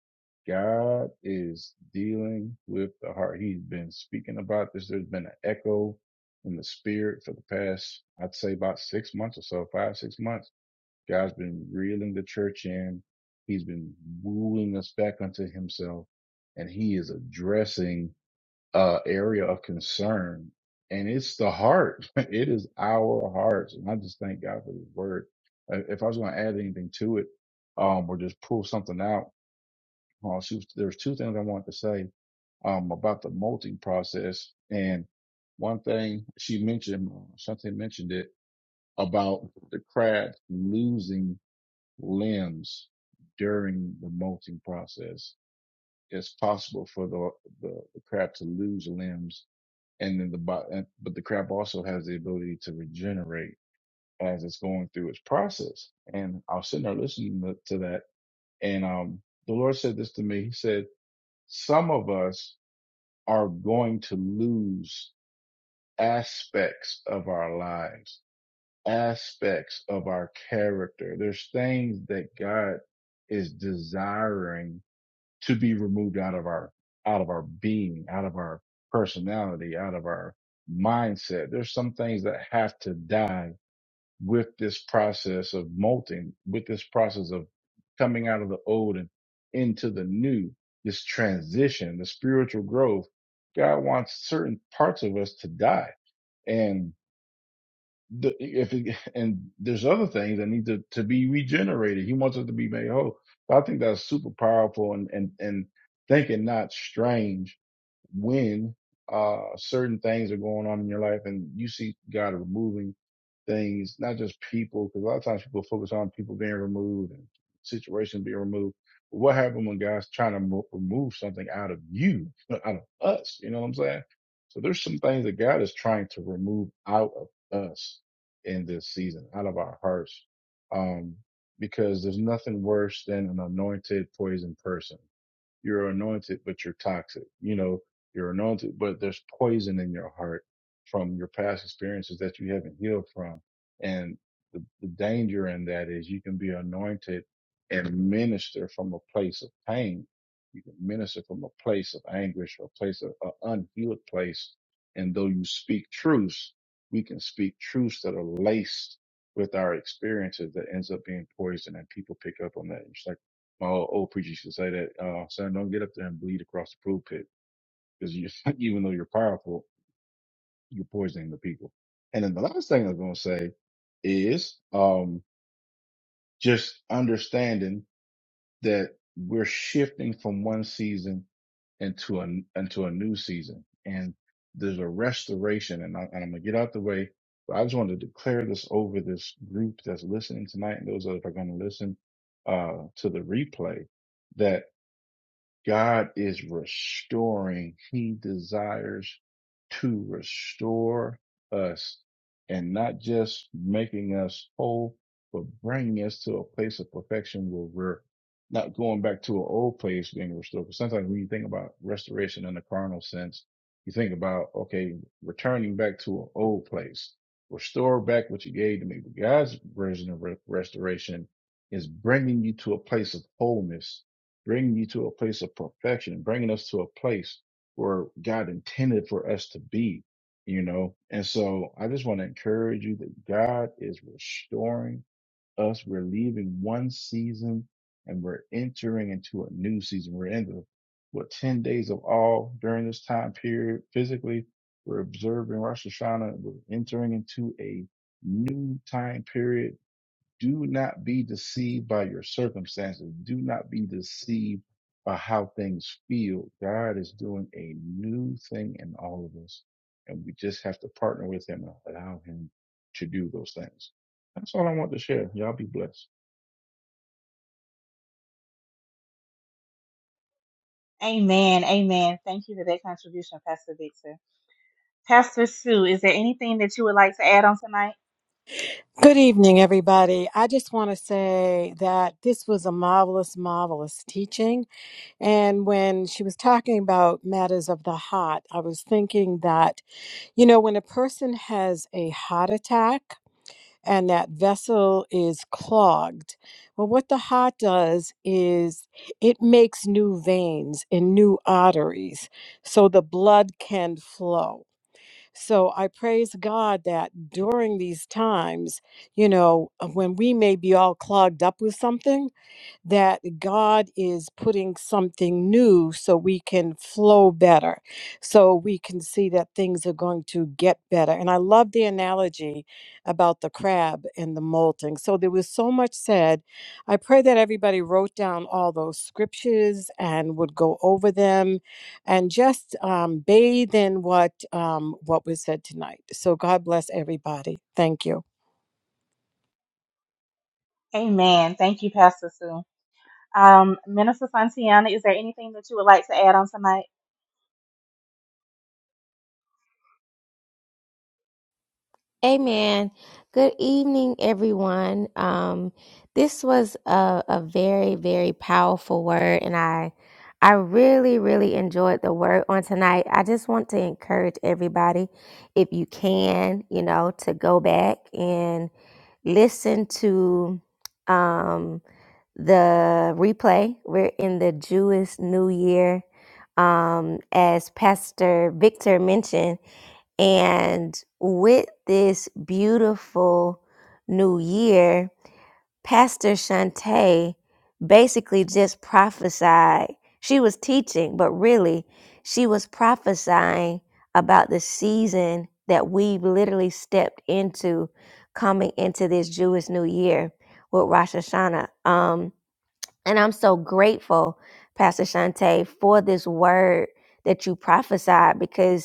God is dealing with the heart. He's been speaking about this. There's been an echo in the spirit for the past, I'd say, about six months or so, five six months God's been reeling the church in. He's been wooing us back unto himself and he is addressing uh area of concern. And it's the heart. (laughs) It is our hearts. And I just thank God for this word. Uh, If I was going to add anything to it, um, or just pull something out, uh, she was- there's two things I wanted to say, um, about the molting process. And one thing she mentioned, uh, Shante mentioned it about the crab losing limbs during the molting process. It's possible for the, the, the crab to lose limbs and then the but the crab also has the ability to regenerate as it's going through its process. And I was sitting there listening to, to that. And, um, the Lord said this to me. He said, some of us are going to lose aspects of our lives, aspects of our character. There's things that God is desiring to be removed out of our out of our being, out of our personality, out of our mindset. There's some things that have to die with this process of molting, with this process of coming out of the old and into the new, this transition, the spiritual growth. God wants certain parts of us to die. and the, if it, (laughs) and there's other things that need to, to be regenerated. He wants us to be made whole. So I think that's super powerful and, and, and thinking not strange when uh, certain things are going on in your life and you see God removing things, not just people, because a lot of times people focus on people being removed and situations being removed. But what happened when God's trying to mo- remove something out of you, out of us? You know what I'm saying? So there's some things that God is trying to remove out of us in this season, out of our hearts. Um, because there's nothing worse than an anointed poison person you're anointed, but you're toxic. You know, you're anointed, but there's poison in your heart from your past experiences that you haven't healed from. And the, the danger in that is you can be anointed and minister from a place of pain. You can minister from a place of anguish or a place of an unhealed place. And though you speak truths, we can speak truths that are laced with our experiences that ends up being poison and people pick up on that. It's like. My old, old preacher used to say that, uh, son, don't get up there and bleed across the pulpit because you, (laughs) even though you're powerful, you're poisoning the people. And then the last thing I'm going to say is, um, just understanding that we're shifting from one season into a into a new season, and there's a restoration. And, I, and I'm gonna get out the way, but I just wanted to declare this over this group that's listening tonight, and those that are going to listen uh, to the replay. God is restoring. He desires to restore us and not just making us whole, but bringing us to a place of perfection where we're not going back to an old place being restored. Because sometimes when you think about restoration in the carnal sense, you think about, okay, returning back to an old place, restore back what you gave to me. But God's version of re- restoration is bringing you to a place of wholeness bringing you to a place of perfection, bringing us to a place where God intended for us to be, you know. And so I just want to encourage you that God is restoring us. We're leaving one season and we're entering into a new season. We're in the, what, 10 days of all during this time period. Physically, we're observing Rosh Hashanah. We're entering into a new time period do not be deceived by your circumstances. Do not be deceived by how things feel. God is doing a new thing in all of us. And we just have to partner with him and allow him to do those things. That's all I want to share. Y'all be blessed.
Amen. Amen. Thank you for that contribution, Pastor Victor. Pastor Sue, is there anything that you would like to add on tonight?
Good evening, everybody. I just want to say that this was a marvelous, marvelous teaching. And when she was talking about matters of the heart, I was thinking that, you know, when a person has a heart attack and that vessel is clogged, well, what the heart does is it makes new veins and new arteries so the blood can flow. So I praise God that during these times, you know, uh, when we may be all clogged up with something, that God is putting something new so we can flow better, so we can see that things are going to get better. And I love the analogy about the crab and the molting. So there was so much said. I pray that everybody wrote down all those scriptures and would go over them and just um, bathe in what um, what was said tonight. So God bless everybody. Thank you.
Amen. Thank you, Pastor Sue. Um, Minister Santiana, is there anything that you would like to add on tonight?
Amen. Good evening, everyone. Um, this was a, a very, very powerful word, and I, I really, really enjoyed the word on tonight. I just want to encourage everybody, if you can, you know, to go back and listen to um, the replay. We're in the Jewish New Year, um, as Pastor Victor mentioned. And with this beautiful new year, Pastor Shante basically just prophesied. She was teaching, but really, she was prophesying about the season that we've literally stepped into coming into this Jewish New Year with Rosh Hashanah. Um, and I'm so grateful, Pastor Shante, for this word that you prophesied because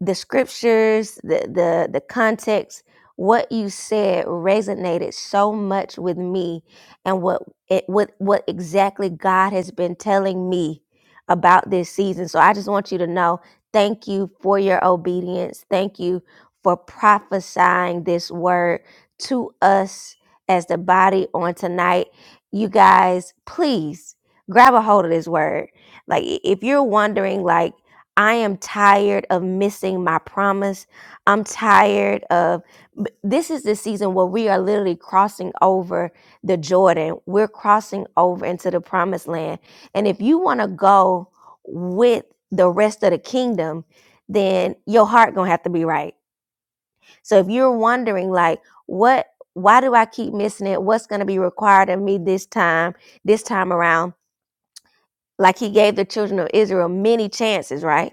the scriptures, the the the context, what you said resonated so much with me, and what it what what exactly God has been telling me about this season. So I just want you to know, thank you for your obedience. Thank you for prophesying this word to us as the body on tonight. You guys, please grab a hold of this word. Like i- if you're wondering, like I am tired of missing my promise. I'm tired of b- this is the season where we are literally crossing over the Jordan. We're crossing over into the promised land. And if you want to go with the rest of the kingdom, then your heart going to have to be right. So if you're wondering like what why do I keep missing it? What's going to be required of me this time, this time around? Like he gave the children of Israel many chances, right?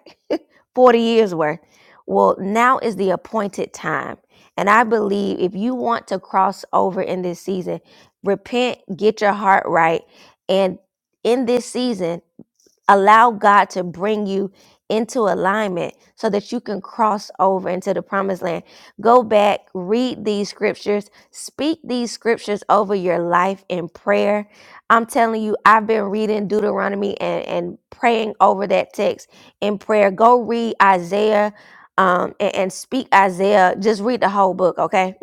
40 years worth. Well, now is the appointed time. And I believe if you want to cross over in this season, repent, get your heart right. And in this season, allow God to bring you into alignment so that you can cross over into the promised land. Go back, read these scriptures, speak these scriptures over your life in prayer. I'm telling you, I've been reading Deuteronomy and, and praying over that text in prayer. Go read Isaiah um, and, and speak Isaiah. Just read the whole book, okay?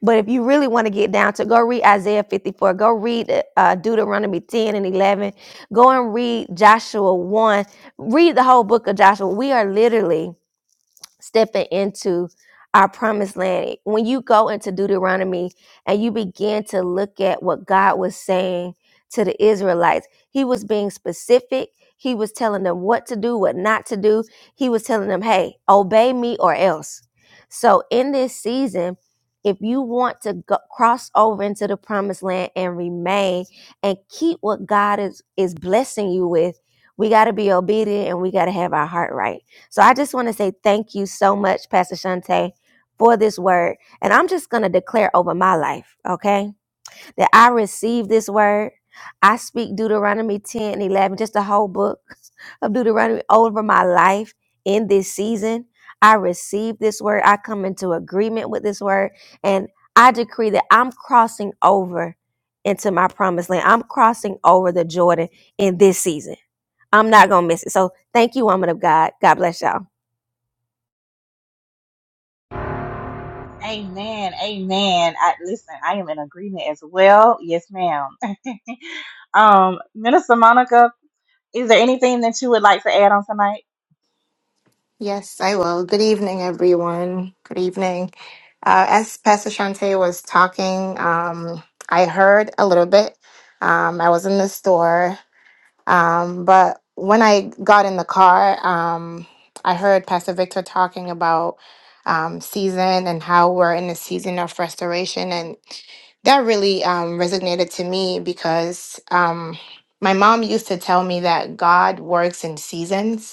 But if you really want to get down to, go read Isaiah 54. Go read uh, Deuteronomy 10 and 11. Go and read Joshua 1. Read the whole book of Joshua. We are literally stepping into our promised land. When you go into Deuteronomy and you begin to look at what God was saying to the Israelites, He was being specific. He was telling them what to do, what not to do. He was telling them, hey, obey me or else. So in this season, if you want to go, cross over into the promised land and remain and keep what God is, is blessing you with, we got to be obedient and we got to have our heart right. So I just want to say thank you so much, Pastor Shante, for this word. And I'm just going to declare over my life, okay, that I receive this word. I speak Deuteronomy 10 and 11, just the whole book (laughs) of Deuteronomy over my life in this season. I receive this word. I come into agreement with this word. And I decree that I'm crossing over into my promised land. I'm crossing over the Jordan in this season. I'm not going to miss it. So thank you, woman of God. God bless y'all.
Amen. Amen. I, listen, I am in agreement as well. Yes, ma'am. (laughs) um, Minister Monica, Is there anything that you would like to add on tonight?
Yes, I will. Good evening, everyone. Good evening. Uh, as Pastor Shante was talking, um, I heard a little bit. Um, I was in the store, um, but when I got in the car, um, I heard Pastor Victor talking about um, season and how we're in a season of restoration, and that really um, resonated to me because um, my mom used to tell me that God works in seasons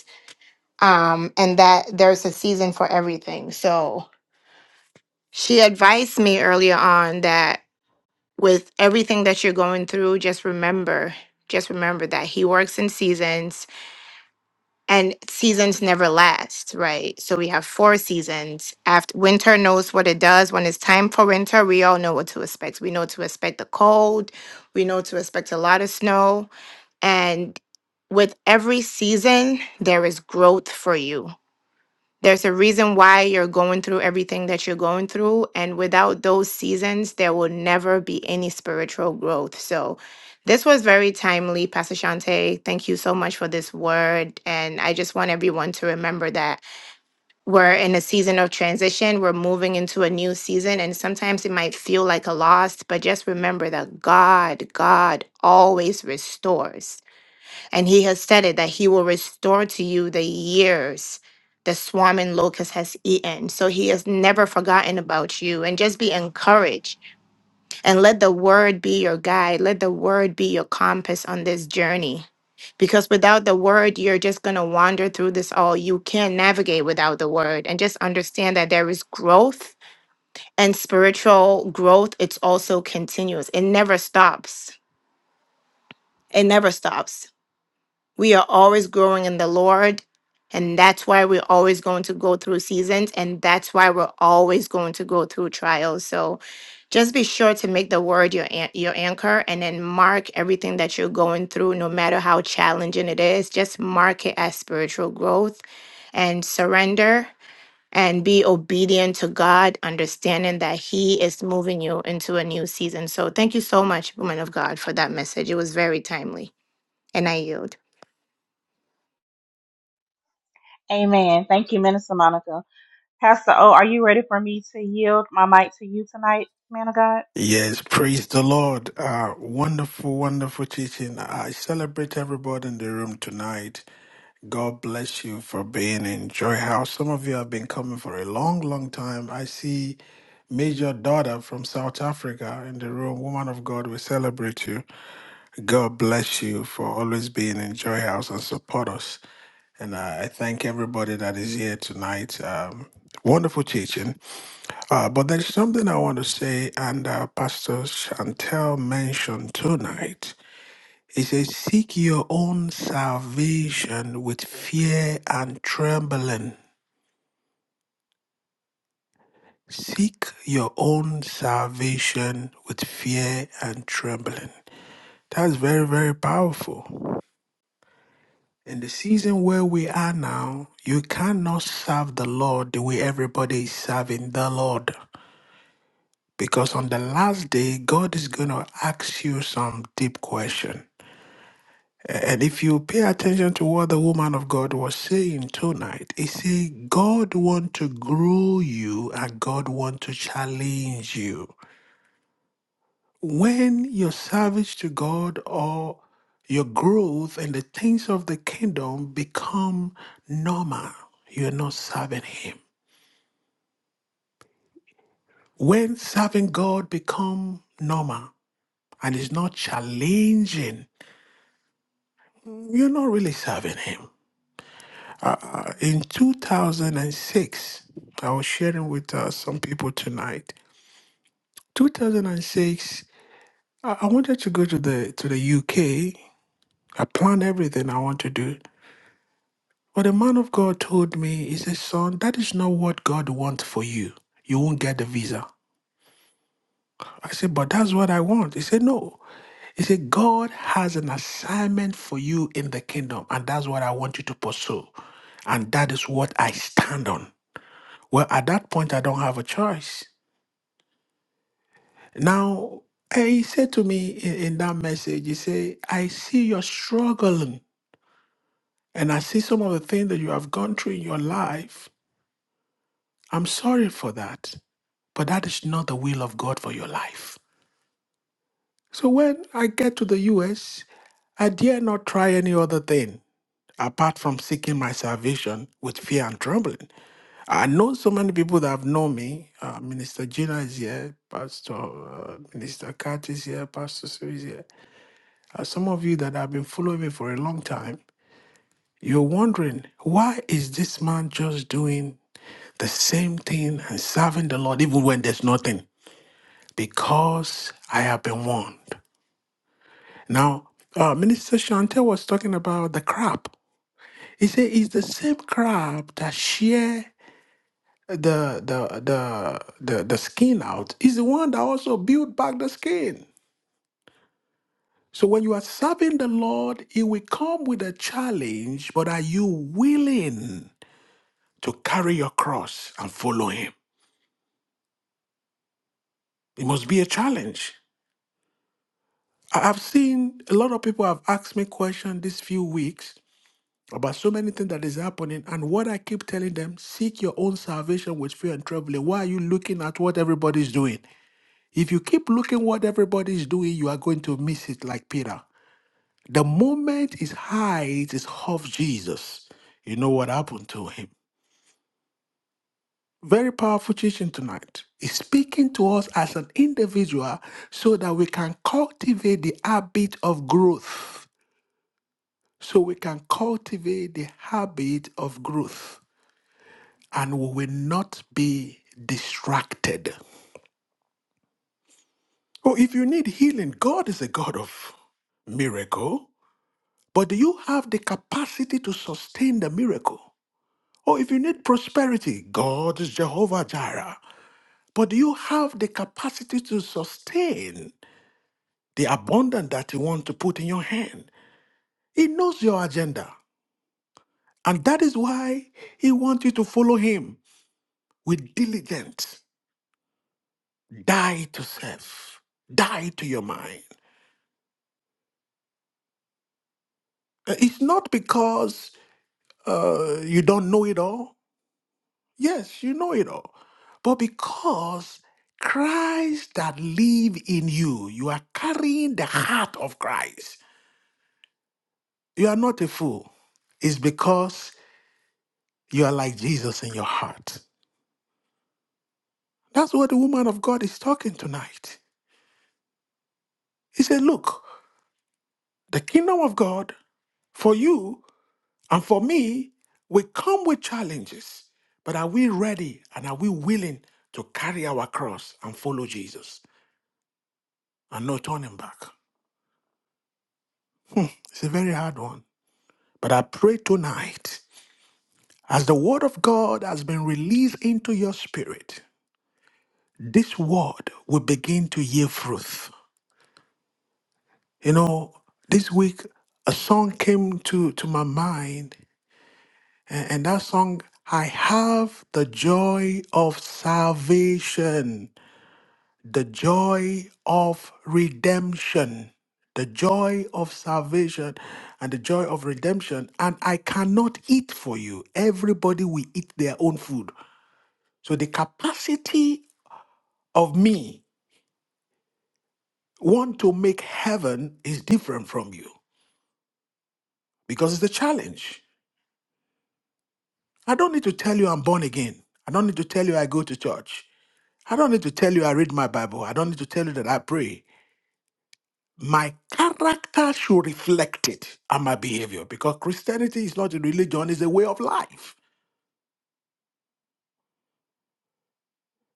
um, and that there's a season for everything. So she advised me earlier on that with everything that you're going through, just remember, just remember that he works in seasons and seasons never last, right? So we have four seasons. After winter knows what it does. When it's time for winter, we all know what to expect. We know to expect the cold, we know to expect a lot of snow. And with every season, there is growth for you There's a reason why you're going through everything that you're going through. And without those seasons, there will never be any spiritual growth. So, this was very timely, Pastor Shante. Thank you so much for this word. And I just want everyone to remember that we're in a season of transition. We're moving into a new season. And sometimes it might feel like a loss, but just remember that God, God always restores. And he has said it that he will restore to you the years the swarm and locust has eaten. So he has never forgotten about you. And just be encouraged and let the word be your guide. Let the word be your compass on this journey. Because without the word, you're just going to wander through this all. You can't navigate without the word. And just understand that there is growth and spiritual growth. It's also continuous, it never stops. It never stops We are always growing in the Lord. And that's why we're always going to go through seasons. And that's why we're always going to go through trials. So just be sure to make the word your, an- your anchor and then mark everything that you're going through, no matter how challenging it is. Just mark it as spiritual growth and surrender and be obedient to God, understanding that He is moving you into a new season. So thank you so much, woman of God, for that message. It was very timely. And I yield.
Amen. Thank you, Minister Monica. Pastor O, are you ready for me to yield my mic to you tonight, man of God?
Yes, praise the Lord. Uh, wonderful, wonderful teaching. I celebrate everybody in the room tonight. God bless you for being in Joy House. Some of you have been coming for a long, long time. I see Major Daughter from South Africa in the room. Woman of God, we celebrate you. God bless you for always being in Joy House and support us. And I I thank everybody that is here tonight. Um, wonderful teaching. Uh, but there's something I want to say, and uh, Pastor Chantel mentioned tonight. He says, Seek your own salvation with fear and trembling. Seek your own salvation with fear and trembling. That's very, very powerful. In the season where we are now, you cannot serve the Lord the way everybody is serving the Lord. Because on the last day, God is going to ask you some deep question. And if you pay attention to what the woman of God was saying tonight, it say God want to grow you and God want to challenge you. When your service to God or your growth in the things of the kingdom become normal, you're not serving him. When serving God become normal and is not challenging, you're not really serving him. Uh, in 2006, I was sharing with uh, some people tonight. 2006, I-, I wanted to go to the to the UK. I planned everything I want to do, but the man of God told me, "He said, son, that is not what God wants for you. You won't get the visa." I said, "But that's what I want." He said, "No." He said, "God has an assignment for you in the kingdom, and that's what I want you to pursue, and that is what I stand on." Well, at that point, I don't have a choice. Now, eh, he said to me in, in that message, he said, I see you're struggling and I see some of the things that you have gone through in your life. I'm sorry for that, but that is not the will of God for your life. So when I get to the US, I dare not try any other thing apart from seeking my salvation with fear and trembling. I know so many people that have known me. Uh, Minister Gina is here, Pastor uh, Minister Kat is here, Pastor Sue is here. Uh, some of you that have been following me for a long time, you're wondering why is this man just doing the same thing and serving the Lord even when there's nothing? Because I have been warned. Now, uh, Minister Shante was talking about the crab. He said it's the same crab that shear the the the the, the skin out. It's the one that also build back the skin. So when you are serving the Lord, it will come with a challenge, but are you willing? to carry your cross and follow him. It must be a challenge. I- I've seen a lot of people have asked me questions these few weeks about so many things that is happening. And what I keep telling them, seek your own salvation with fear and trembling. Why are you looking at what everybody's doing? If you keep looking what everybody's doing, you are going to miss it like Peter. The moment his eyes is off Jesus, you know what happened to him. Very powerful teaching tonight. It's speaking to us as an individual so that we can cultivate the habit of growth. So we can cultivate the habit of growth and we will not be distracted. Oh, if you need healing, God is a God of miracle, but do you have the capacity to sustain the miracle? Or if you need prosperity, God is Jehovah Jireh, but do you have the capacity to sustain? the abundance that He wants to put in your hand. He knows your agenda. And that is why He wants you to follow Him with diligence. Die to self, die to your mind. Uh, It's not because uh, you don't know it all. Yes, you know it all. But because Christ that live in you, you are carrying the heart of Christ. You are not a fool. It's because you are like Jesus in your heart. That's what the woman of God is talking tonight. He said, Look, the kingdom of God for you and for me will come with challenges, but are we ready and are we willing to carry our cross and follow Jesus and no turning back? It's a very hard one. But I pray tonight, as the word of God has been released into your spirit, this word will begin to yield fruit. You know, this week a song came to, to my mind And, and that song, I have the joy of salvation, the joy of redemption, the joy of salvation, and the joy of redemption. And I cannot eat for you. Everybody will eat their own food. So the capacity of me want to make heaven is different from you because it's a challenge. I don't need to tell you I'm born again. I don't need to tell you I go to church. I don't need to tell you I read my Bible. I don't need to tell you that I pray. My character should reflect it and my behavior because Christianity is not a religion, it's a way of life.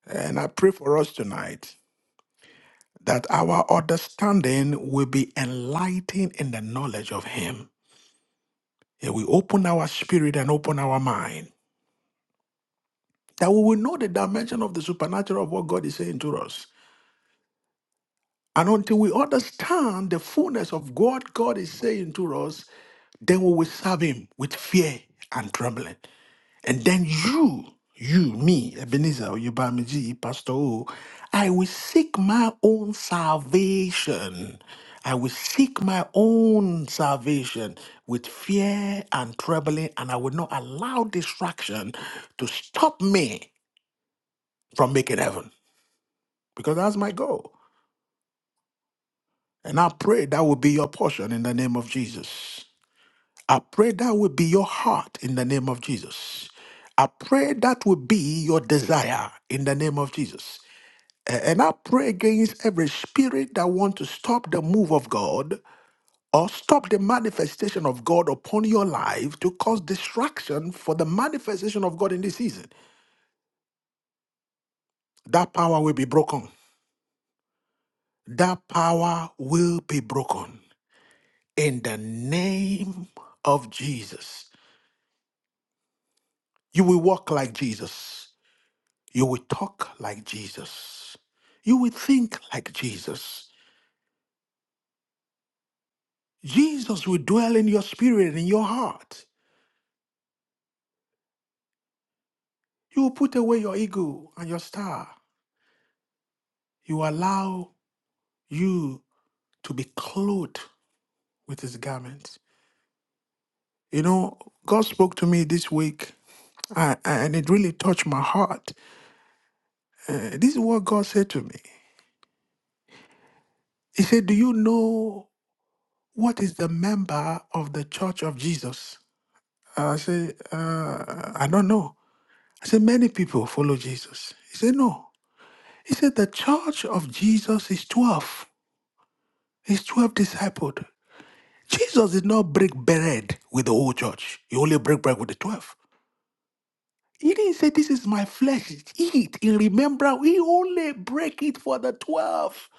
And I pray for us tonight that our understanding will be enlightened in the knowledge of Him. And we open our spirit and open our mind that we will know the dimension of the supernatural of what God is saying to us. And until we understand the fullness of what God is saying to us, Then we will serve him with fear and trembling. And then you, you, me, Ebenezer, Oyebamiji, Pastor O, I will seek my own salvation. I will seek my own salvation with fear and trembling, and I will not allow distraction to stop me from making heaven because that's my goal. And I pray that will be your portion in the name of Jesus. I pray that will be your heart in the name of Jesus. I pray that will be your desire in the name of Jesus. A- And I pray against every spirit that want to stop the move of God or stop the manifestation of God upon your life to cause distraction for the manifestation of God in this season. That power will be broken. That power will be broken in the name of Jesus. You will walk like Jesus. You will talk like Jesus. You will think like Jesus. Jesus will dwell in your spirit and in your heart. You will put away your ego and your star. You allow you to be clothed with his garment. You know, God spoke to me this week uh, and it really touched my heart. Uh, this is what God said to me. He said, Do you know what is the member of the church of Jesus? Uh, I said, uh, I don't know. I said, many people follow Jesus. He said, no. He said, the church of Jesus is 12. It's 12 discipled. Jesus did not break bread with the whole church. He only break bread with the 12. He didn't say, this is my flesh, eat in remembrance. He only break it for the 12.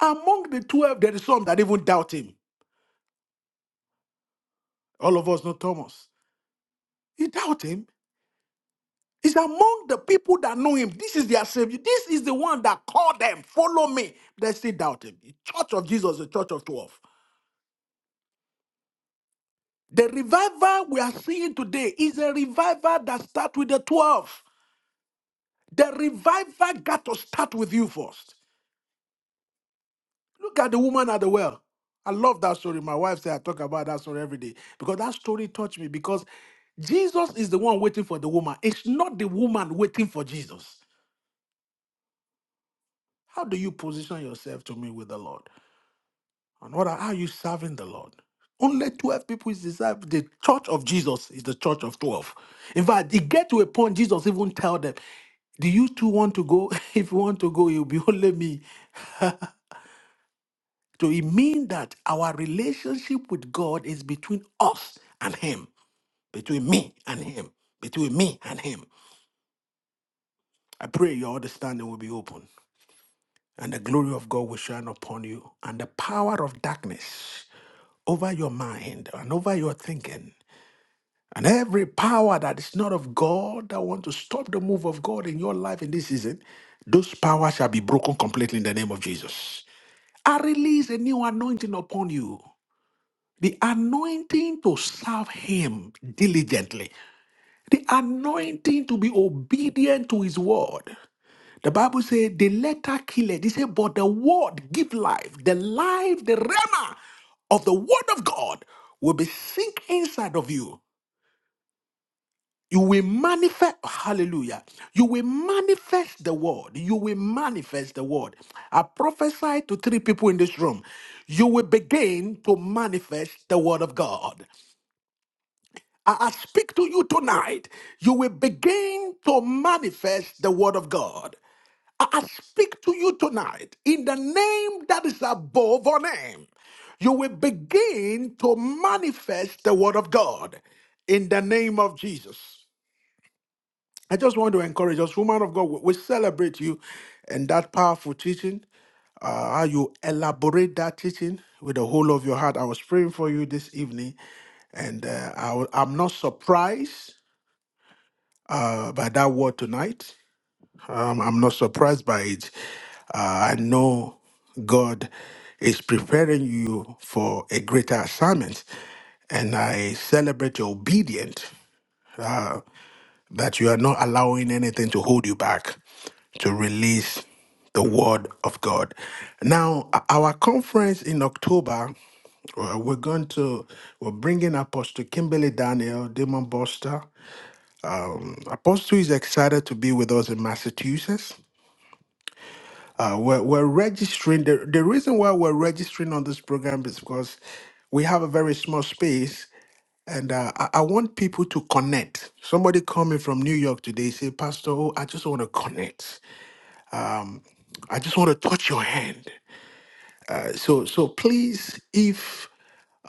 Among the 12, there is some that even doubt him. All of us know Thomas. He doubt him. It's among the people that know him. This is their savior. This is the one that called them, follow me. They still doubt him. The church of Jesus, the church of 12. The revival we are seeing today is a revival that starts with the 12. The revival got to start with you first. Look at the woman at the well. I love that story. My wife said I talk about that story every day because that story touched me because Jesus is the one waiting for the woman. It's not the woman waiting for Jesus. How do you position yourself to me with the Lord? And what are, how are you serving the Lord? Only 12 people is disciples. The church of Jesus is the church of 12. In fact, it get to a point, Jesus even tell them, Do you two want to go? (laughs) If you want to go, you'll be (laughs) only me. So it mean that our relationship with God is between us and Him, between me and Him, between me and Him. I pray your understanding will be open and the glory of God will shine upon you and the power of darkness over your mind and over your thinking And every power that is not of God that want to stop the move of God in your life in this season, those powers shall be broken completely in the name of Jesus. I release a new anointing upon you. The anointing to serve him diligently. The anointing to be obedient to his word. The Bible says the letter killeth. They say, but the word give life. The life, the rema of the word of God will be sink inside of you. You will manifest, hallelujah. You will manifest the word. You will manifest the word. I prophesy to three people in this room. You will begin to manifest the word of God. I I speak to you tonight. You will begin to manifest the word of God. I I speak to you tonight in the name that is above all name. You will begin to manifest the word of God in the name of Jesus. I just want to encourage us, woman of God, we we celebrate you and that powerful teaching. Uh, how you elaborate that teaching with the whole of your heart. I was praying for you this evening, and uh, I, wa- I'm not surprised uh, by that word tonight. Um, I'm not surprised by it. Uh, I know God is preparing you for a greater assignment, and I celebrate your obedience that you are not allowing anything to hold you back to release the word of God. Now, o- our conference in October, uh, we're going to we're bringing Apostle Kimberly Daniel, Demon Buster. Apostle is excited to be with us in Massachusetts. Uh, we're, we're registering. The, the reason why we're registering on this program is because we have a very small space and uh, I, I want people to connect. Somebody coming from New York today say, Pastor, oh, I just want to connect. I just want to touch your hand. Uh, So, so please, if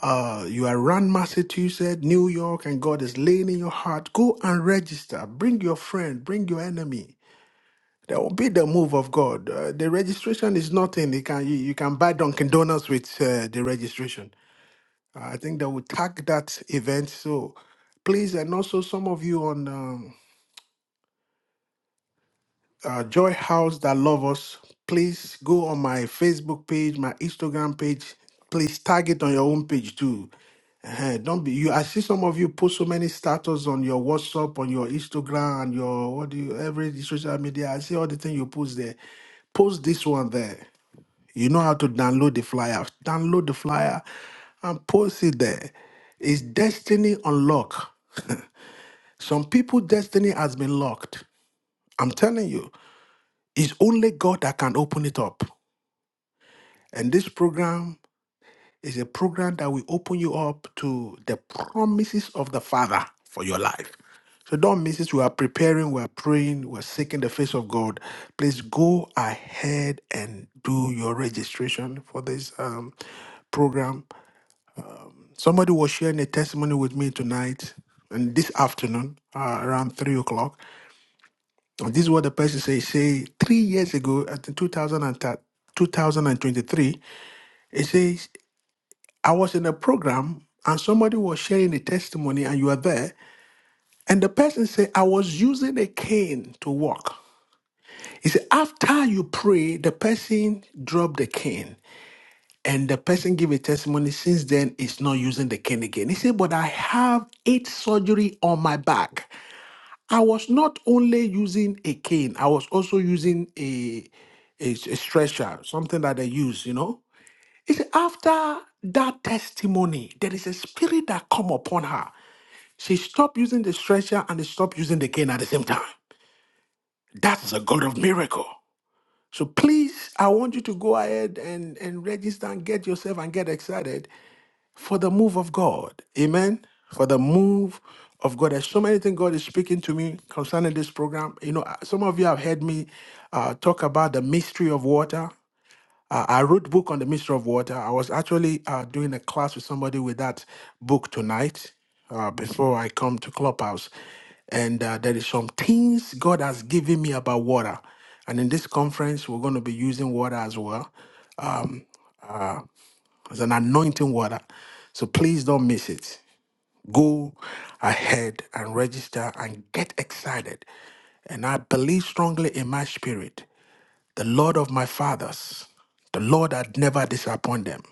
uh, you are around Massachusetts, New York, and God is laying in your heart, go and register. Bring your friend, bring your enemy. That will be the move of God. Uh, the registration is nothing. You can you, you can buy Dunkin' Donuts with uh, the registration. I think they will tag that event. So please, and also some of you on. Um, uh, Joy House that love us, please go on my Facebook page, my Instagram page. Please tag it on your own page too. uh Don't be you. I see some of you post so many status on your WhatsApp, on your Instagram, and your what do you every social media. I see all the thing you post there. Post this one there. You know how to download the flyer. Download the flyer and post it there. It's destiny unlocked. Some people destiny has been locked. I'm telling you. It's only God that can open it up. And this program is a program that will open you up to the promises of the Father for your life. So don't miss it. We are preparing, we are praying, we're seeking the face of God. Please go ahead and do your registration for this um, program. Somebody was sharing a testimony with me tonight and this afternoon uh, around three o'clock. And this is what the person say. Say three years ago, at 2000 2023. It says, I was in a program and somebody was sharing a testimony and you were there. And the person said, I was using a cane to walk. He said, after you pray, the person dropped the cane. And the person gave a testimony since then is not using the cane again. He said, But I have eight surgery on my back. I was not only using a cane, I was also using a a, a stretcher, something that I use, you know. He said, after that testimony, there is a spirit that come upon her. She stopped using the stretcher and they stopped using the cane at the same time. That's a God of miracle. So please, I want you to go ahead and, and register and get yourself and get excited for the move of God. Amen. For the move of God. There's so many things God is speaking to me concerning this program. You know, some of you have heard me uh, talk about the mystery of water. Uh, I wrote book on the mystery of water. I was actually uh, doing a class with somebody with that book tonight uh, before I come to Clubhouse. And uh, there is some things God has given me about water. And in this conference, we're going to be using water as well as an anointing water. So please don't miss it. Go ahead and register and get excited. And I believe strongly in my spirit. the Lord of my fathers, the Lord that never disappoint them,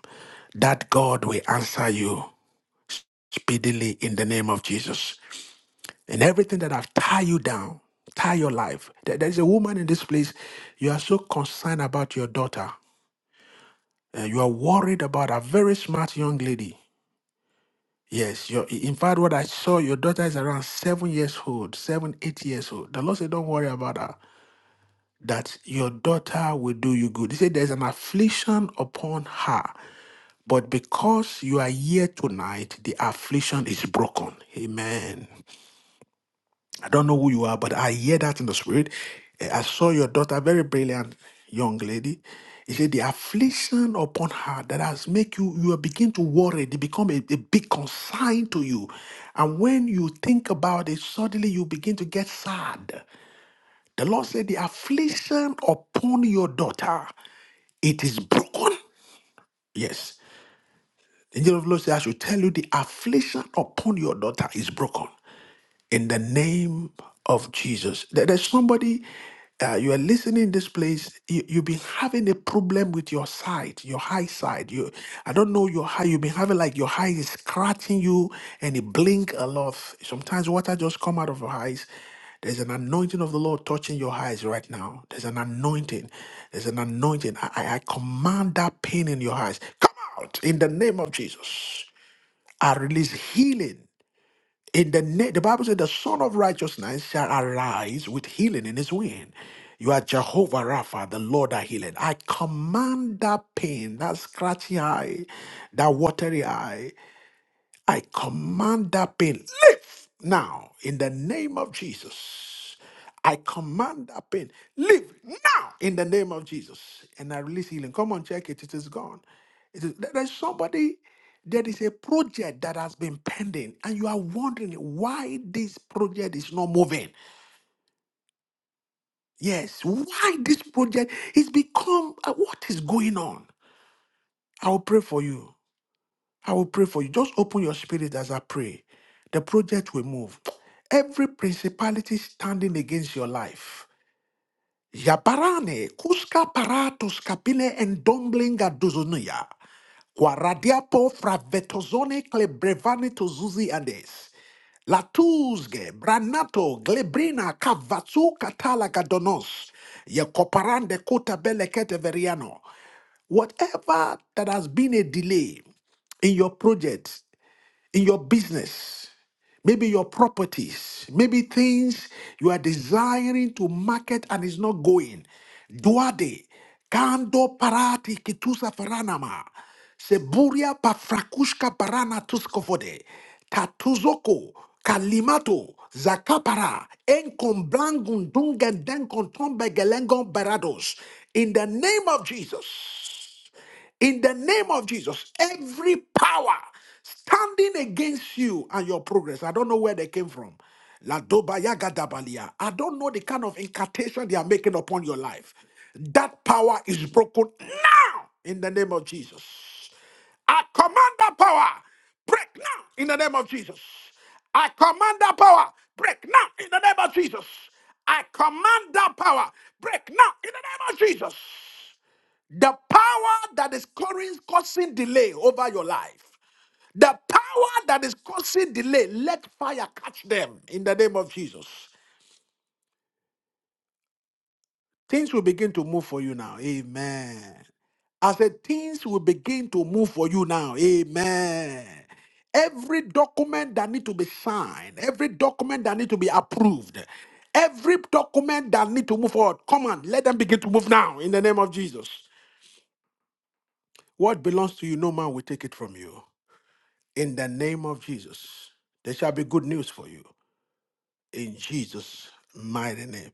that God will answer you speedily in the name of Jesus. And everything that have tie you down, tie your life. There- There's a woman in this place, you are so concerned about your daughter. and you are worried about a very smart young lady. Yes, your, in fact, what I saw, your daughter is around seven years old, seven, eight years old. The Lord said, Don't worry about her, that your daughter will do you good. He said, There's an affliction upon her. But because you are here tonight, the affliction is broken. Amen. I don't know who you are, but I hear that in the spirit. Eh, I saw your daughter, very brilliant young lady. He said, the affliction upon her that has make you, you are begin to worry. They become a, a big concern to you. And when you think about it, suddenly you begin to get sad. The Lord said, the affliction upon your daughter, it is broken. Yes. The angel of the Lord said, I should tell you the affliction upon your daughter is broken in the name of Jesus. There- There's somebody, uh, you are listening in this place, you, you've been having a problem with your sight, your high side. You, I don't know your high, you've been having like your eye is scratching you and it blink a lot. Sometimes water just come out of your eyes. There's an anointing of the Lord touching your eyes right now. There's an anointing. There's an anointing. I, I I command that pain in your eyes. Come out in the name of Jesus. I release healing in the na- the Bible said the Son of Righteousness shall arise with healing in his wing. You are Jehovah Rapha, the Lord that healeth. I command that pain, that scratchy eye, that watery eye. I command that pain, live now in the name of Jesus. I command that pain, live now in the name of Jesus. And I release healing. Come on, check it. It is gone. It is, there- there's somebody, there is a project that has been pending, and you are wondering why this project is not moving. Yes, why this project is become uh, what is going on. I will pray for you. I will pray for you. Just open your spirit as I pray. The project will move. Every principality standing against your life. Yabarane, kuska paratus kapile and dumblinga duzunia. Kwaradiapo fravetozone klebrevane tozuzi andes. Latuzge, Branato, Glebrina, Cavatsu, Catala, Gadonos, Yekoparande, Kota, Belekete, Veriano. Whatever that has been a delay in your project, in your business, maybe your properties, maybe things you are desiring to market and is not going. Duade, kando parati kitusa faranama, seburia pafrakushka barana tuskofode, tatuzoko, kalimato, zakapara, enkomblangun dungendenkontombe gelengon barados. In the name of Jesus. In the name of Jesus, every power standing against you and your progress, I don't know where they came from. La doba yaga dabalia. I don't know the kind of incantation they are making upon your life. That power is broken now in the name of Jesus. I command that power, break now in the name of Jesus. I command that power, break now in the name of Jesus. I command that power, break now in the name of Jesus. The power that is causing causing delay over your life, the power that is causing delay, let fire catch them in the name of Jesus. Things will begin to move for you now. Amen. I said, things will begin to move for you now. Amen. Every document that need to be signed, every document that need to be approved, every document that need to move forward, come on, let them begin to move now in the name of Jesus. What belongs to you, no man will take it from you. in the name of Jesus. There shall be good news for you in Jesus' mighty name.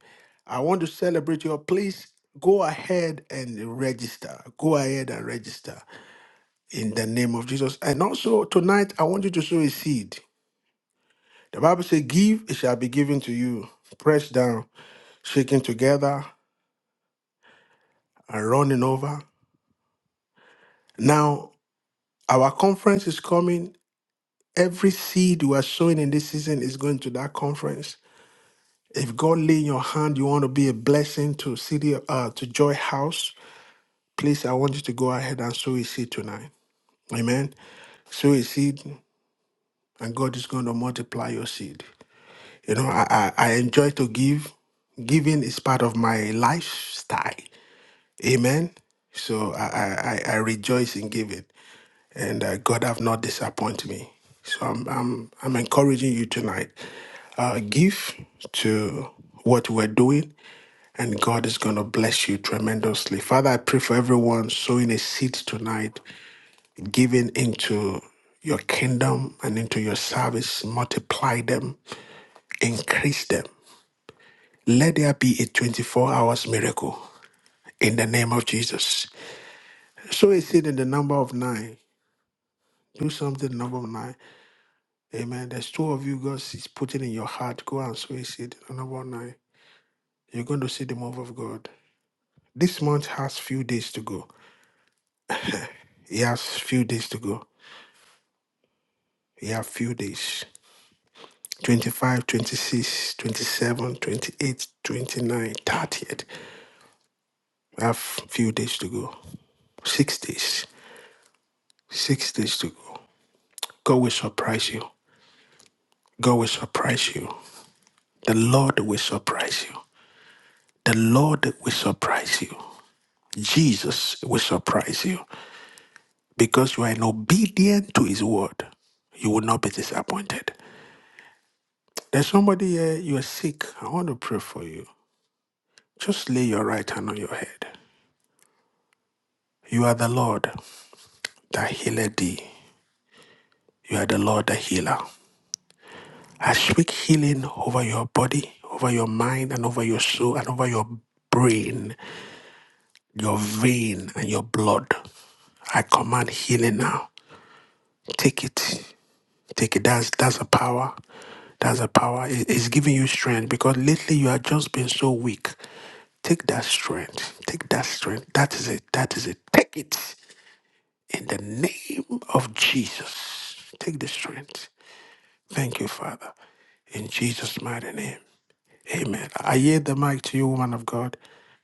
I want to celebrate you. Please go ahead and register. Go ahead and register in the name of Jesus. And also tonight, I want you to sow a seed. The Bible says, Give, it shall be given to you. Pressed down, shaken together, and running over. Now, our conference is coming. Every seed you are sowing in this season is going to that conference. If God lay in your hand, you want to be a blessing to City uh, to Joy House. Please, I want you to go ahead and sow a seed tonight. Amen. Sow a seed, and God is going to multiply your seed. You know, I I, I enjoy to give. Giving is part of my lifestyle. Amen. So I I, I I rejoice in giving, and uh, God have not disappointed me. So I'm I'm I'm encouraging you tonight. Uh, give to what we're doing and God is going to bless you tremendously. Father, I pray for everyone sowing a seed tonight, giving into your kingdom and into your service. Multiply them, increase them. Let there be a 24 hours miracle in the name of Jesus. So a seed in the number of nine. Do something, number of nine. Amen. There's two of you God is putting in your heart. Go and sow a seed, number of nine. You're going to see the move of God. This month has few days to go. It has few days to go. We have few days. 25, twenty-six, twenty-seven, twenty-eight, twenty-nine, thirtieth. We have few days to go. Six days. Six days to go. God will surprise you. God will surprise you. The Lord will surprise you. The Lord will surprise you. Jesus will surprise you because you are an obedient to his word. You will not be disappointed. There's somebody here, you are sick. I want to pray for you. Just lay your right hand on your head. You are the Lord. that healeth thee. You are the Lord, the healer. I speak healing over your body, over your mind, and over your soul, and over your brain, your vein, and your blood. I command healing now. Take it. Take it. That's that's a power. That's a power. It- It's giving you strength because lately you have just been so weak. Take that strength. Take that strength. That is it. That is it. Take it in the name of Jesus. Take the strength. Thank you, Father. In Jesus' mighty name. Amen. I yield the mic to you, woman of God.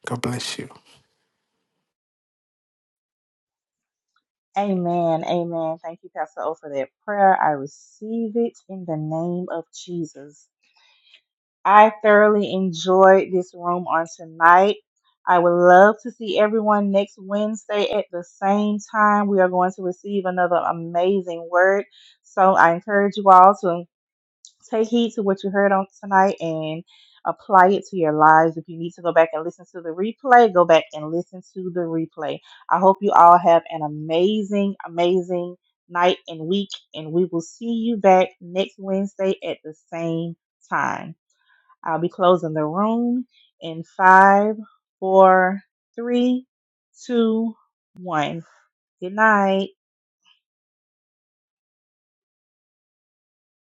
God bless you.
Amen. Amen. Thank you, Pastor O, for that prayer. I receive it in the name of Jesus. I thoroughly enjoyed this room on tonight. I would love to see everyone next Wednesday at the same time. We are going to receive another amazing word. So I encourage you all to take heed to what you heard on tonight and apply it to your lives. If you need to go back and listen to the replay, go back and listen to the replay. I hope you all have an amazing, amazing night and week, and we will see you back next Wednesday at the same time. I'll be closing the room in five, four, three, two, one. Good night.